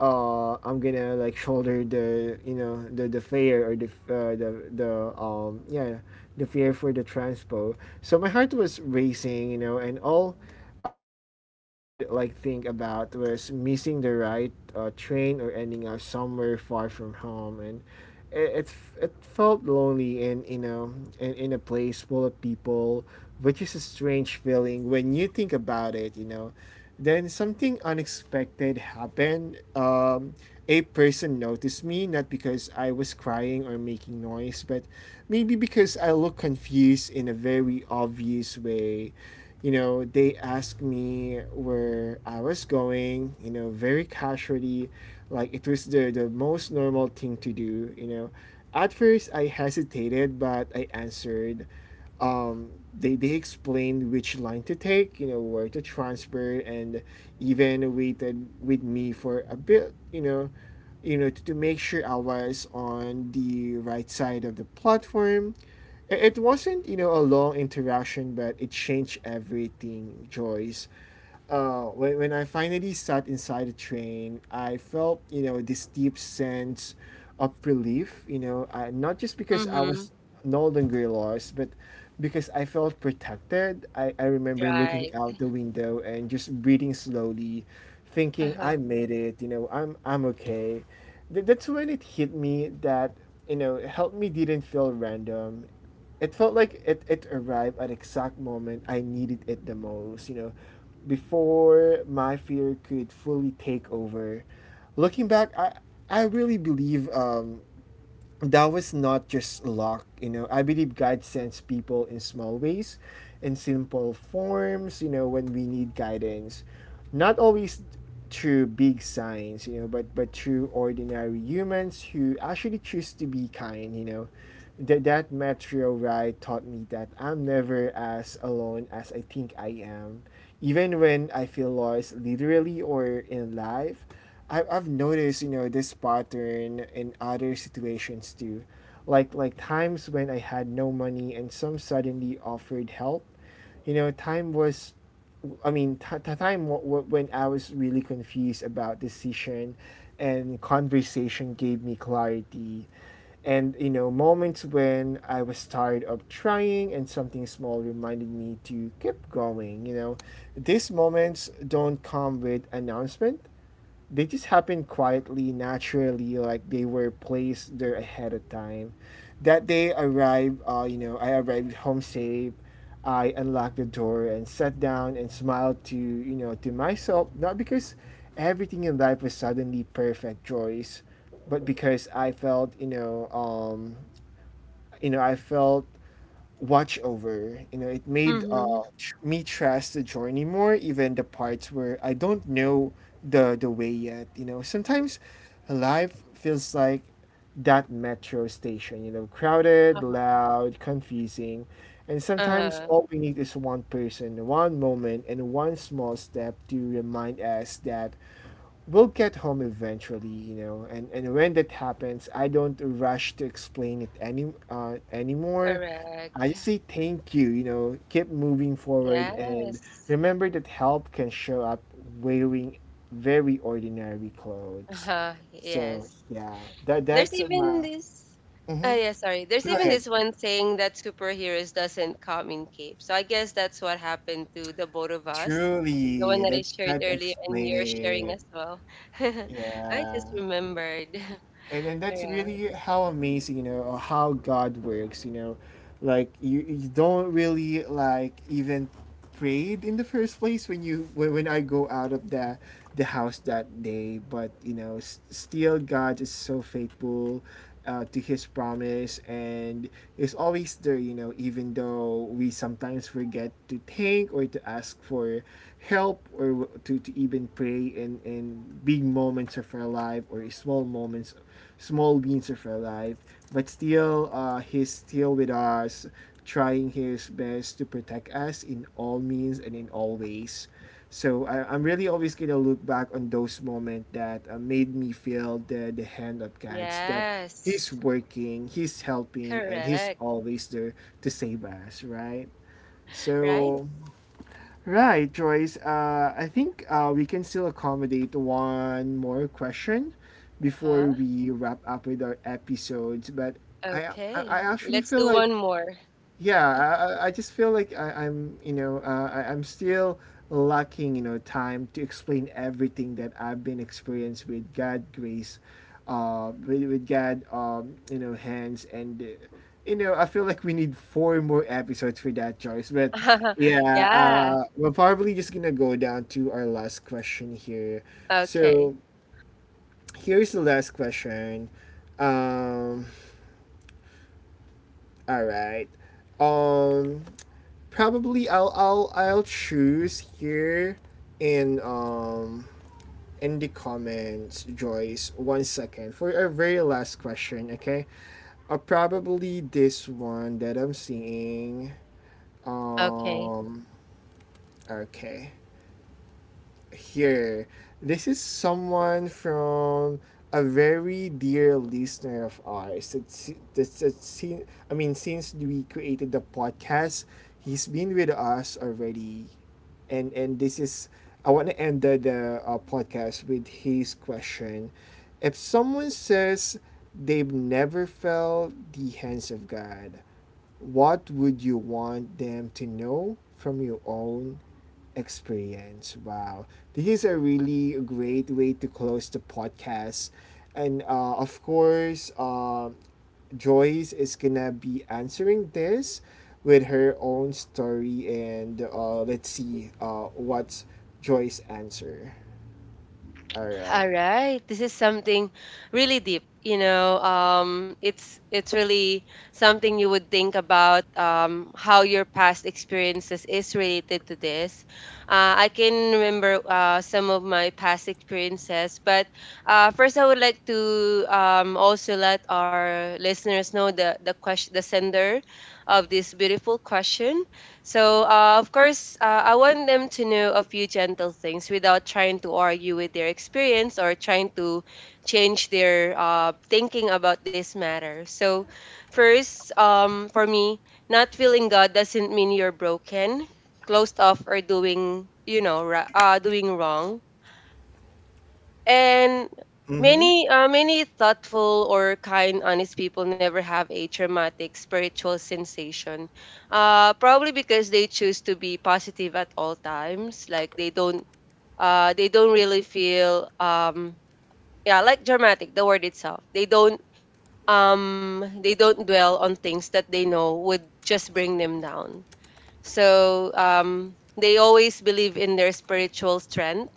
Speaker 1: uh I'm gonna like shoulder the, you know, the the fear, or the uh, the the um yeah, the fear for the transpo. So my heart was racing, you know, and all um, I could like think about was missing the right uh, train or ending up somewhere far from home, and it, it, it felt lonely in, you know, in, in a place full of people, which is a strange feeling when you think about it. You know, then something unexpected happened. Um, a person noticed me, not because I was crying or making noise, but maybe because I looked confused in a very obvious way. You know, they asked me where I was going, you know, very casually, like it was the, the most normal thing to do, you know. At first, I hesitated, but I answered. um, they, they explained which line to take, you know, where to transfer, and even waited with me for a bit, you know, you know, to, to make sure I was on the right side of the platform. I- It wasn't, you know, a long interaction, but it changed everything, Joyce. uh, when, when I finally sat inside the train, I felt, you know, this deep sense of relief, you know, I, not just because I
Speaker 2: Mhm.
Speaker 1: was no longer lost, but because I felt protected. I, I remember looking
Speaker 2: Right.
Speaker 1: out the window and just breathing slowly, thinking, I
Speaker 2: Uh-huh.
Speaker 1: made it, you know, I'm, I'm okay. Th- that's when it hit me that, you know, help me didn't feel random. It felt like it, it arrived at exact moment I needed it the most, you know, before my fear could fully take over. Looking back, I I really believe um, that was not just luck. You know, I believe God sends people in small ways, in simple forms, you know, when we need guidance, not always through big signs, you know, but but through ordinary humans who actually choose to be kind. You know, that that metro ride taught me that I'm never as alone as I think I am, even when I feel lost, literally or in life. I've, I've noticed, you know, this pattern in other situations too, like like times when I had no money and some suddenly offered help. You know, time was I mean t- t- time w- w- when I was really confused about decision and conversation gave me clarity, and you know, moments when I was tired of trying and something small reminded me to keep going. You know, these moments don't come with announcement. They just happened quietly, naturally, like they were placed there ahead of time. That day arrived, uh, you know, I arrived home safe. I unlocked the door and sat down and smiled to, you know, to myself, not because everything in life was suddenly perfect, Joyce, but because I felt, you know, um, you know, I felt watch over. You know, it made uh,
Speaker 2: Mhm.
Speaker 1: tr- me trust the journey more, even the parts where I don't know the the way yet. You know, sometimes life feels like that metro station. You know, crowded,
Speaker 2: Uh-huh.
Speaker 1: loud, confusing, and sometimes
Speaker 2: Uh-huh.
Speaker 1: all we need is one person, one moment, and one small step to remind us that we'll get home eventually. You know, and and when that happens, I don't rush to explain it any uh, anymore. I
Speaker 2: Correct.
Speaker 1: just say thank you, you know, keep moving forward and
Speaker 2: Yes.
Speaker 1: remember that help can show up wearing very ordinary clothes.
Speaker 2: Uh-huh.
Speaker 1: So
Speaker 2: Yes.
Speaker 1: yeah, that
Speaker 2: There's
Speaker 1: that's
Speaker 2: even
Speaker 1: my
Speaker 2: this. Uh,
Speaker 1: hmm.
Speaker 2: yeah, sorry. There's
Speaker 1: Go
Speaker 2: even
Speaker 1: ahead.
Speaker 2: this
Speaker 1: Yeah.
Speaker 2: one saying that superheroes doesn't come in cape. So I guess that's what happened to the both of us. The one
Speaker 1: Truly,
Speaker 2: that I
Speaker 1: that's
Speaker 2: shared
Speaker 1: that
Speaker 2: earlier and
Speaker 1: explain
Speaker 2: you're sharing
Speaker 1: it.
Speaker 2: as well. I
Speaker 1: Yeah.
Speaker 2: just remembered.
Speaker 1: And and that's
Speaker 2: All right.
Speaker 1: really how amazing, you know, or how God works, you know. Like you, you don't really like even prayed in the first place when you when, when I go out of the the house that day. But you know, s- still God is so faithful uh, to His promise and is always there. You know, even though we sometimes forget to think or to ask for help, or w- to, to even pray in in big moments of our life or small moments, small beings of our life. But still, uh, He's still with us trying his best to protect us in all means and in all ways. So I, I'm really always gonna look back on those moments that uh, made me feel the the hand of God, that
Speaker 2: Yes.
Speaker 1: He's working, He's helping, and He's
Speaker 2: Correct.
Speaker 1: always there to save us, right?
Speaker 2: Right?
Speaker 1: So, right, Joyce. Uh, I think uh, we can still accommodate one more question before
Speaker 2: Uh-huh.
Speaker 1: we wrap up with our episodes. But I, I, I
Speaker 2: Okay.
Speaker 1: actually
Speaker 2: Let's
Speaker 1: feel
Speaker 2: do one
Speaker 1: like
Speaker 2: more.
Speaker 1: yeah, i, I just feel like I, I'm you know uh, I, I'm still lacking you know time to explain everything that I've been experienced with God grace, uh with, with God um you know hands, and uh, you know I feel like we need four more episodes for that choice, but yeah,
Speaker 2: Yeah.
Speaker 1: uh we're probably just gonna go down to our last question here.
Speaker 2: Okay.
Speaker 1: So here's the last question. um all right. um probably I'll I'll I'll choose here in um in the comments, Joyce. One second for our very last question. Okay, uh, probably this one that I'm seeing.
Speaker 2: Okay.
Speaker 1: Um, okay. Here. This is someone from a very dear listener of ours. It's, it's, it's, I mean, since we created the podcast, he's been with us already. And, and this is, I want to end the, the uh, podcast with his question. If someone says they've never felt the hands of God, what would you want them to know from your own experience. Wow. This is a really great way to close the podcast. And uh, of course, uh, Joyce is gonna be answering this with her own story. And uh, Let's see uh, what's Joyce's answer. All
Speaker 2: All
Speaker 1: right.
Speaker 2: right. This is something really deep. You know, um, it's it's really something you would think about um, how your past experiences is related to this. Uh, I can remember uh, some of my past experiences, but uh, first I would like to um, also let our listeners know the the question, the sender of this beautiful question. So, uh, of course, uh, I want them to know a few gentle things without trying to argue with their experience or trying to change their uh, thinking about this matter. So, first, um, for me, not feeling God doesn't mean you're broken, closed off, or doing, you know, ra- uh, doing wrong and
Speaker 1: Mm-hmm.
Speaker 2: many, uh, many thoughtful or kind, honest people never have a traumatic spiritual sensation. Uh, probably because they choose to be positive at all times. Like they don't, uh, they don't really feel, um, yeah, like dramatic. The word itself, they don't, um, They don't dwell on things that they know would just bring them down. So um, they always believe in their spiritual strength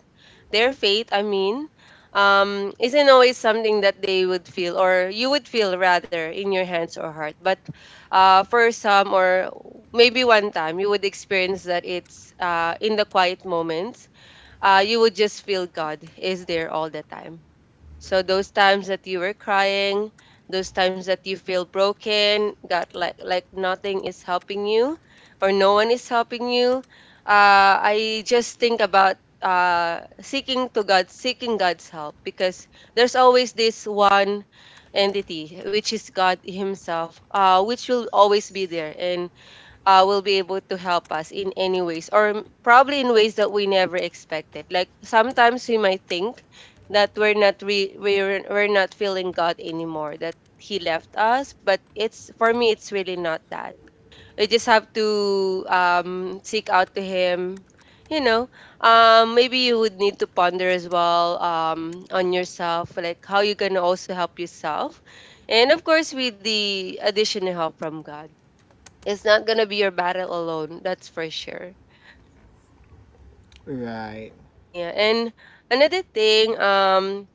Speaker 2: their faith, I mean, um, isn't always something that they would feel or you would feel rather in your hands or heart. But uh, for some, or maybe one time, you would experience that it's uh, in the quiet moments, uh, you would just feel God is there all the time. So those times that you were crying, those times that you feel broken, got like like nothing is helping you, or no one is helping you. Uh, I just think about uh, seeking to God, seeking God's help, because there's always this one entity, which is God Himself, uh, which will always be there, and uh, will be able to help us in any ways or m- probably in ways that we never expected. Like sometimes we might think that we're not re- we're, we're not feeling god anymore, that he left us, but it's, for me, it's really not that. We just have to um, seek out to him, you know. Um, maybe you would need to ponder as well, um, on yourself, like how you can also help yourself, and of course with the additional help from god. It's not gonna be your battle alone, that's for sure.
Speaker 1: Right.
Speaker 2: Yeah, and another thing, um,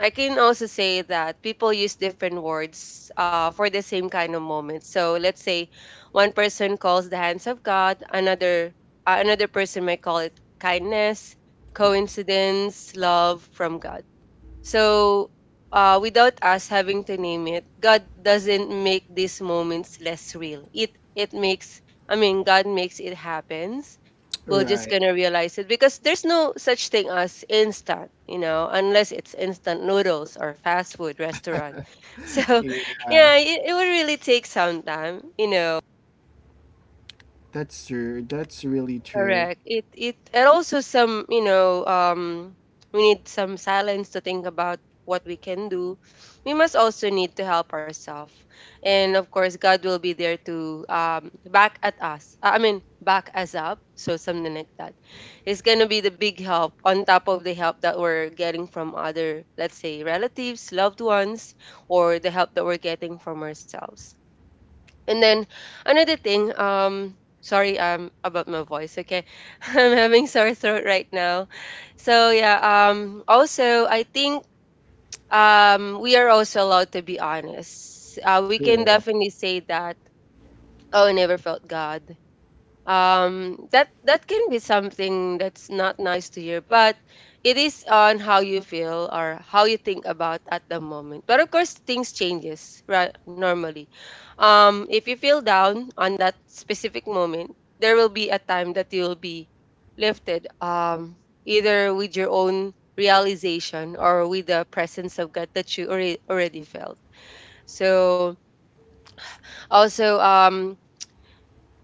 Speaker 2: I can also say that people use different words uh, for the same kind of moment. So let's say one person calls the hands of God, another uh, another person might call it kindness, coincidence, love from God. So, uh, without us having to name it, God doesn't make these moments less real. It it makes, I mean, God makes it happens. We're just
Speaker 1: Right.
Speaker 2: gonna realize it because there's no such thing as instant, you know, unless it's instant noodles or fast food restaurant. So,
Speaker 1: Yeah.
Speaker 2: yeah, it, it would really take some time, you know.
Speaker 1: That's true. That's really true.
Speaker 2: Correct. It it and also some, you know, um we need some silence to think about what we can do. We must also need to help ourselves. And of course, God will be there to um back at us. Uh, I mean, back us up. So something like that. It's going to be the big help on top of the help that we're getting from other, let's say, relatives, loved ones, or the help that we're getting from ourselves. And then another thing, um, sorry, um, about my voice. Okay, I'm having sore throat right now. So yeah, um, also I think um we are also allowed to be honest. Uh, we can
Speaker 1: True.
Speaker 2: definitely say that. Oh, I never felt God. um that that can be something that's not nice to hear, but it is on how you feel or how you think about at the moment. But of course things changes, right? Normally, um if you feel down on that specific moment, there will be a time that you'll be lifted, um either with your own realization or with the presence of god that you already already felt. So also, um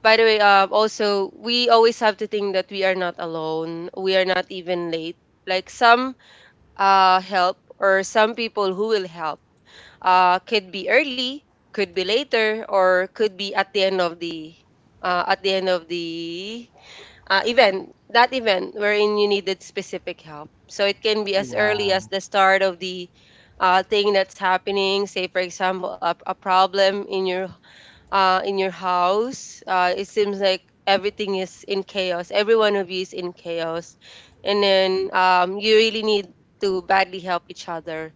Speaker 2: by the way, um, also we always have to think that we are not alone. We are not even late. Like some uh help or some people who will help uh could be early, could be later, or could be at the end of the uh, at the end of the uh, event. That event wherein you needed specific help. So it can be as early as
Speaker 1: Wow.
Speaker 2: the start of the uh, thing that's happening. Say for example, a, a problem in your uh, in your house. Uh, it seems like everything is in chaos. Every one of you is in chaos, and then um, you really need to badly help each other.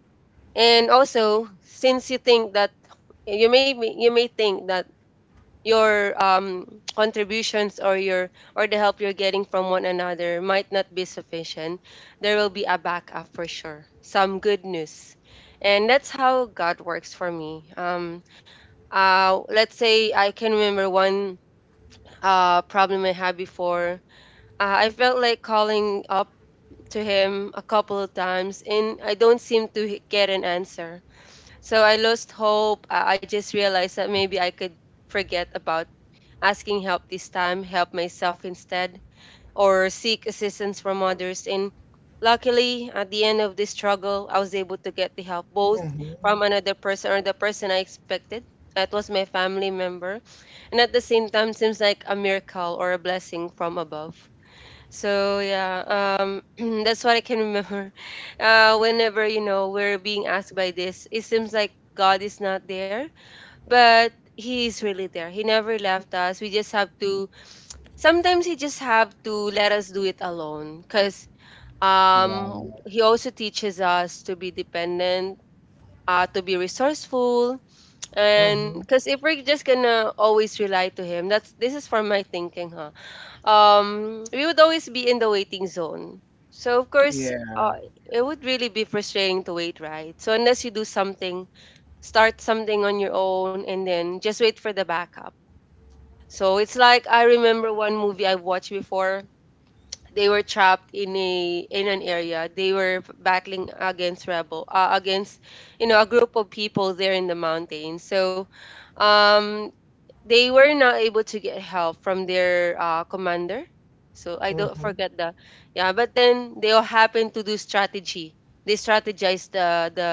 Speaker 2: And also, since you think that you may be- you may think that your um, contributions or your or the help you're getting from one another might not be sufficient, there will be a backup for sure. Some good news, and that's how God works for me. Um, uh, let's say I can remember one uh, problem I had before. Uh, I felt like calling up to him a couple of times and I don't seem to h- get an answer. So I lost hope. Uh, I just realized that maybe I could forget about asking help this time, help myself instead, or seek assistance from others. And luckily, at the end of this struggle, I was able to get the help both
Speaker 1: Mm-hmm.
Speaker 2: from another person or the person I expected. That was my family member and at the same time seems like a miracle or a blessing from above. So yeah, um, that's what I can remember. Uh, whenever you know we're being asked by this, it seems like God is not there, but He is really there. He never left us. We just have to. Sometimes He just have to let us do it alone, cause
Speaker 1: Wow.
Speaker 2: um, He also teaches us to be dependent, uh, to be resourceful, and
Speaker 1: Mhm.
Speaker 2: because if we're just gonna always rely to him, that's this is from my thinking, huh? Um, we would always be in the waiting zone. So of course,
Speaker 1: Yeah.
Speaker 2: uh, it would really be frustrating to wait, right? So unless you do something, start something on your own, and then just wait for the backup. So it's like I remember one movie I watched before. They were trapped in a in an area. They were battling against rebel, uh, against you know a group of people there in the mountains. So um they were not able to get help from their uh, commander. So I don't
Speaker 1: Mhm.
Speaker 2: forget that. Yeah, but then they all happen to do strategy. They strategize the the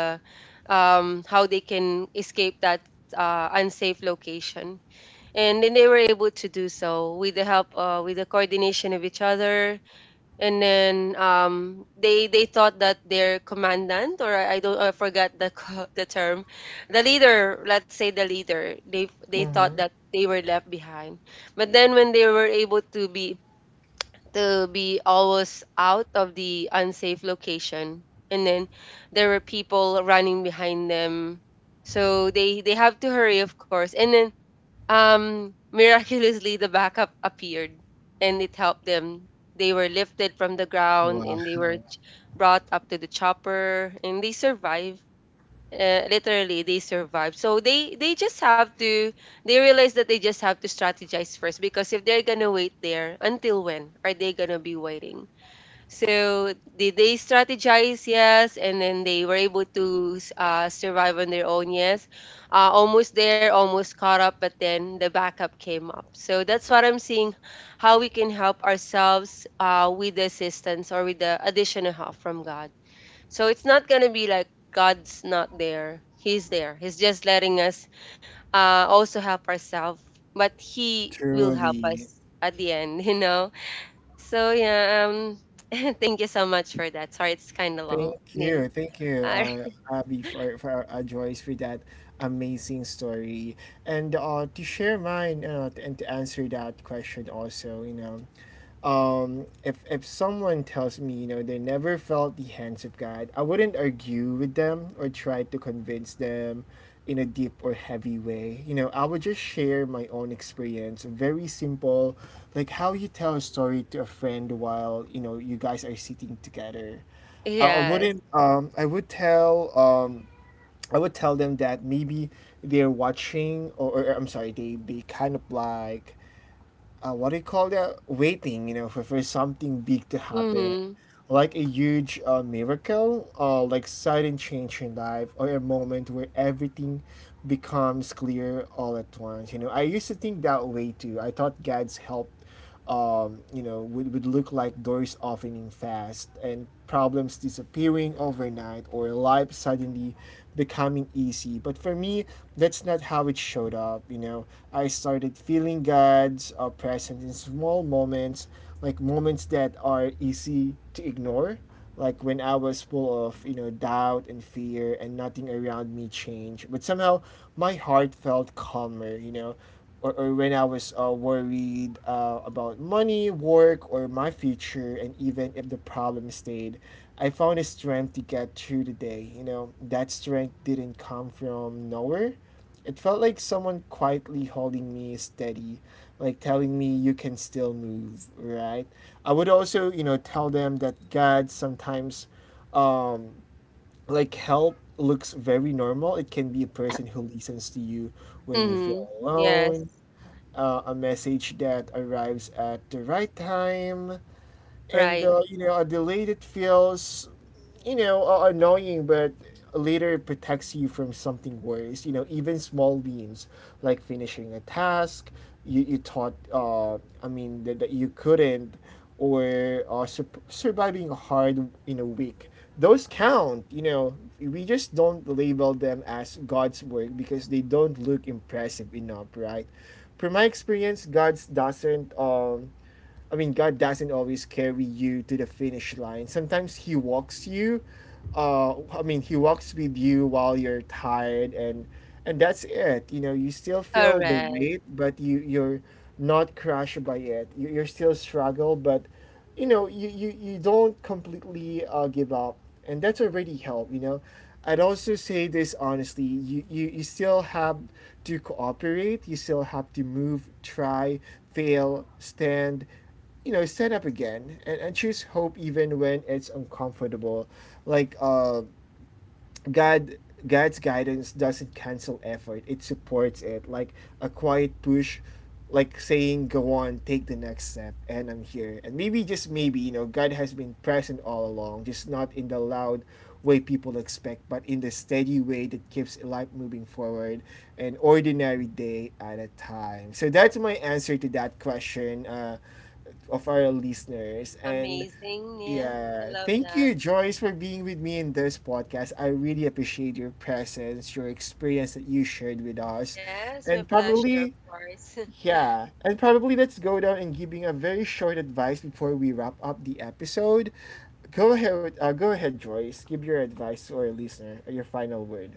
Speaker 2: um, how they can escape that uh, unsafe location, and then they were able to do so with the help uh, with the coordination of each other. And then um they they thought that their commandant, or I I don't I forgot the co- the term, the leader, let's say, the leader, they they thought
Speaker 1: Mhm.
Speaker 2: that they were left behind. But then when they were able to be to be always out of the unsafe location, and then there were people running behind them, so they they have to hurry, of course. And then um, miraculously, the backup appeared and it helped them. They were lifted from the ground
Speaker 1: Wow.
Speaker 2: and they were ch- brought up to the chopper and they survived. Uh, literally, they survived. So they they just have to. They realize that they just have to strategize first because if they're gonna wait there, until when are they gonna be waiting? So did they strategize? Yes, and then they were able to uh, survive on their own. Yes, uh, almost there, almost caught up, but then the backup came up. So that's what I'm seeing, how we can help ourselves uh, with the assistance or with the additional help from God. So it's not gonna be like God's not there; He's there. He's just letting us uh, also help ourselves, but He will help
Speaker 1: Truly.
Speaker 2: us at the end. You know, so yeah, um, thank you so much for that. Sorry, it's kind of long,
Speaker 1: Thank
Speaker 2: Neil.
Speaker 1: you, thank you,
Speaker 2: Uh,
Speaker 1: uh, Abby, for, for uh, Joyce for that amazing story, and uh, to share mine uh, and to answer that question also, you know, um, if if someone tells me you know they never felt the hands of God. I wouldn't argue with them or try to convince them in a deep or heavy way. You know, I would just share my own experience, very simple, like how you tell a story to a friend while you know you guys are sitting together. I I
Speaker 2: yes.
Speaker 1: wouldn't. Um, I would tell. Um, I would tell them that maybe they're watching, or, or I'm sorry, they they kind of like, uh, what do you call that? Waiting, you know, for for something big to happen,
Speaker 2: Mm-hmm.
Speaker 1: like a huge uh, miracle, uh, like sudden change in life, or a moment where everything becomes clear all at once. You know, I used to think that way too. I thought God's help um, you know, would, would look like doors opening fast and problems disappearing overnight or life suddenly becoming easy. But for me, that's not how it showed up. You know, I started feeling God's uh, presence in small moments, like moments that are easy to ignore. Like when I was full of, you know, doubt and fear and nothing around me changed. But somehow my heart felt calmer, you know or, or when I was uh, worried uh, about money, work, or my future, and even if the problem stayed, I found a strength to get through the day. You know, that strength didn't come from nowhere. It felt like someone quietly holding me steady, like telling me you can still move, right? I would also, you know, tell them that God sometimes, um, like help looks very normal. It can be a person who listens to you when you feel
Speaker 2: Mm-hmm. Yes.
Speaker 1: alone, uh, a message that arrives at the right time, and
Speaker 2: Right.
Speaker 1: uh, you know, a delayed, it feels, you know, uh, annoying, but later it protects you from something worse. You know, even small wins like finishing a task you you thought, uh, I mean, that, that you couldn't, or uh, sur- surviving a hard you know week. Those count. You know, we just don't label them as God's work because they don't look impressive enough, right? From my experience, God doesn't. Um, I mean, God doesn't always carry you to the finish line. Sometimes He walks you. Uh, I mean, He walks with you while you're tired, and and that's it. You know, you still feel the
Speaker 2: Correct.
Speaker 1: weight, but you you're not crushed by it. You you still struggle, but you know you you, you don't completely uh, give up, and that's already help. You know I'd also say this honestly, you, you you still have to cooperate. You still have to move, try, fail, stand, you know stand up again, and, and choose hope even when it's uncomfortable, like uh God God's guidance doesn't cancel effort. It supports it. Like a quiet push, like saying, "Go on, take the next step, and I'm here." And maybe, just maybe, you know, God has been present all along, just not in the loud way people expect, but in the steady way that keeps life moving forward, an ordinary day at a time. So that's my answer to that question, uh, of our listeners. And
Speaker 2: Amazing, Neil. I
Speaker 1: yeah.
Speaker 2: love
Speaker 1: Thank
Speaker 2: that.
Speaker 1: you, Joyce, for being with me in this podcast. I really appreciate your presence, your experience that you shared with us.
Speaker 2: Yes, my
Speaker 1: And
Speaker 2: pleasure, of
Speaker 1: probably,
Speaker 2: course.
Speaker 1: yeah. And probably let's go down and giving a very short advice before we wrap up the episode. Go ahead, uh, go ahead, Joyce. Give your advice to our listener, your final word.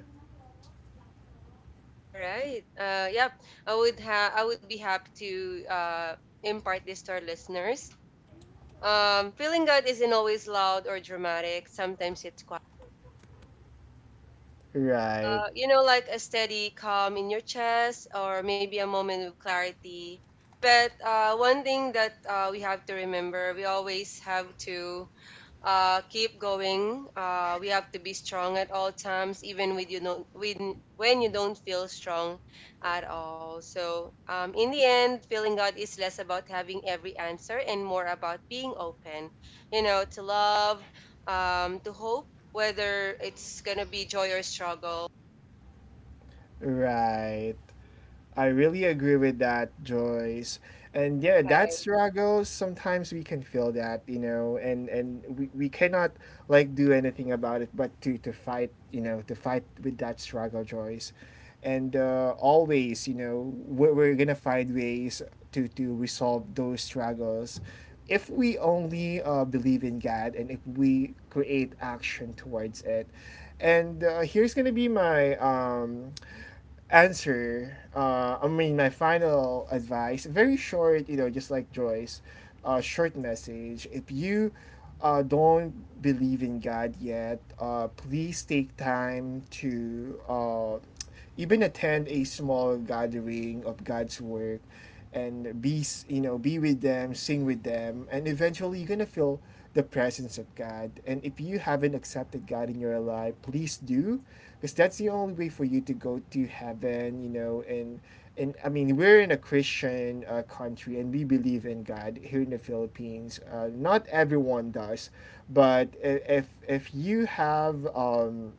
Speaker 2: All right. Uh, yep. I would have. I would be happy to uh impart this to our listeners. Um, feeling God isn't always loud or dramatic. Sometimes it's quiet.
Speaker 1: Right.
Speaker 2: Uh, you know, like a steady calm in your chest, or maybe a moment of clarity. But uh, one thing that uh, we have to remember, we always have to uh, keep going. Uh, we have to be strong at all times, even with you don't when when you don't feel strong at all. So um, in the end, feeling God is less about having every answer and more about being open. You know, to love, um, to hope, whether it's gonna be joy or struggle.
Speaker 1: Right. I really agree with that, Joyce. And yeah, that
Speaker 2: Right.
Speaker 1: struggle, sometimes we can feel that, you know, and and we, we cannot like do anything about it but to to fight, you know, to fight with that struggle, Joyce. And uh, always, you know, we're, we're gonna find ways to to resolve those struggles if we only uh, believe in God and if we create action towards it. And uh, here's gonna be my um answer, uh, I mean, my final advice, very short, you know, just like Joyce, uh, short message. If you uh, don't believe in God yet, uh, please take time to uh, even attend a small gathering of God's work and be you know be with them, sing with them, and eventually you're gonna feel the presence of God. And if you haven't accepted God in your life, please do, because that's the only way for you to go to heaven. You know and and I mean, we're in a Christian uh, country, and we believe in God here in the Philippines. Uh, not everyone does, but if if you have, um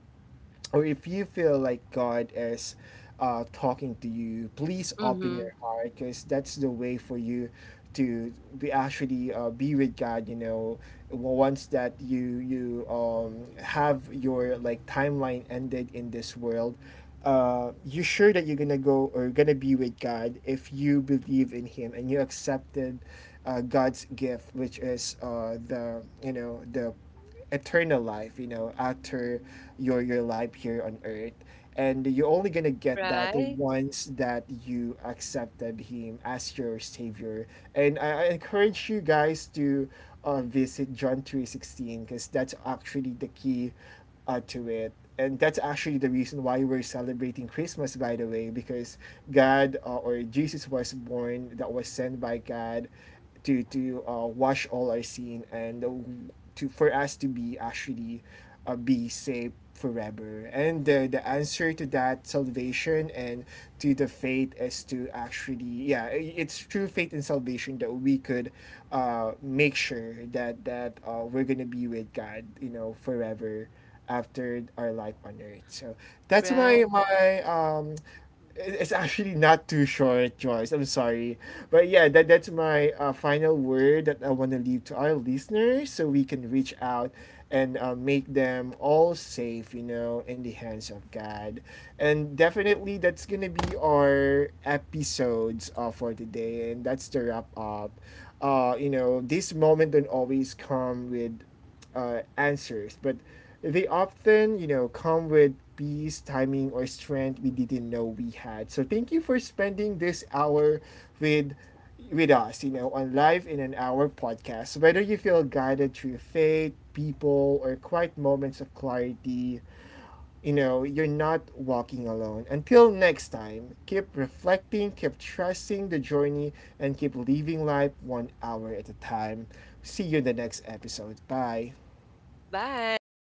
Speaker 1: or if you feel like God is uh, talking to you, please open
Speaker 2: Mm-hmm.
Speaker 1: your heart because that's the way for you to be actually uh, be with God. You know, W- once that you you um, have your like timeline ended in this world, Uh, you're sure that you're gonna go or gonna be with God if you believe in Him and you accepted uh, God's gift, which is uh, the you know the eternal life, you know, after your your life here on earth. And you're only gonna get that
Speaker 2: Right.
Speaker 1: once that you accepted him as your savior. And I, I encourage you guys to uh, visit John three sixteen because that's actually the key, uh, to it. And that's actually the reason why we're celebrating Christmas, by the way, because God, uh, or Jesus, was born, that was sent by God, to to uh, watch all our scene, and uh, to for us to be actually uh, be safe forever, and the, the answer to that salvation and to the faith is to actually, yeah i- it's through faith and salvation that we could uh make sure that that uh, we're gonna be with God you know forever after our life on earth. So that's
Speaker 2: Right.
Speaker 1: my my um it- it's actually not too short, Joyce. I'm sorry. But yeah, that, that's my uh, final word that I want to leave to our listeners so we can reach out and uh, make them all safe, you know, in the hands of God. And definitely, that's going to be our episodes uh, for today. And that's the wrap up. Uh, you know, this moment don't always come with uh, answers, but they often, you know, come with piece, timing, or strength we didn't know we had. So thank you for spending this hour with with us, you know, on Live in an Hour Podcast. Whether you feel guided through faith, people, or quiet moments of clarity, you know, you're not walking alone. Until next time, keep reflecting, keep trusting the journey, and keep living life one hour at a time. See you in the next episode. Bye.
Speaker 2: Bye.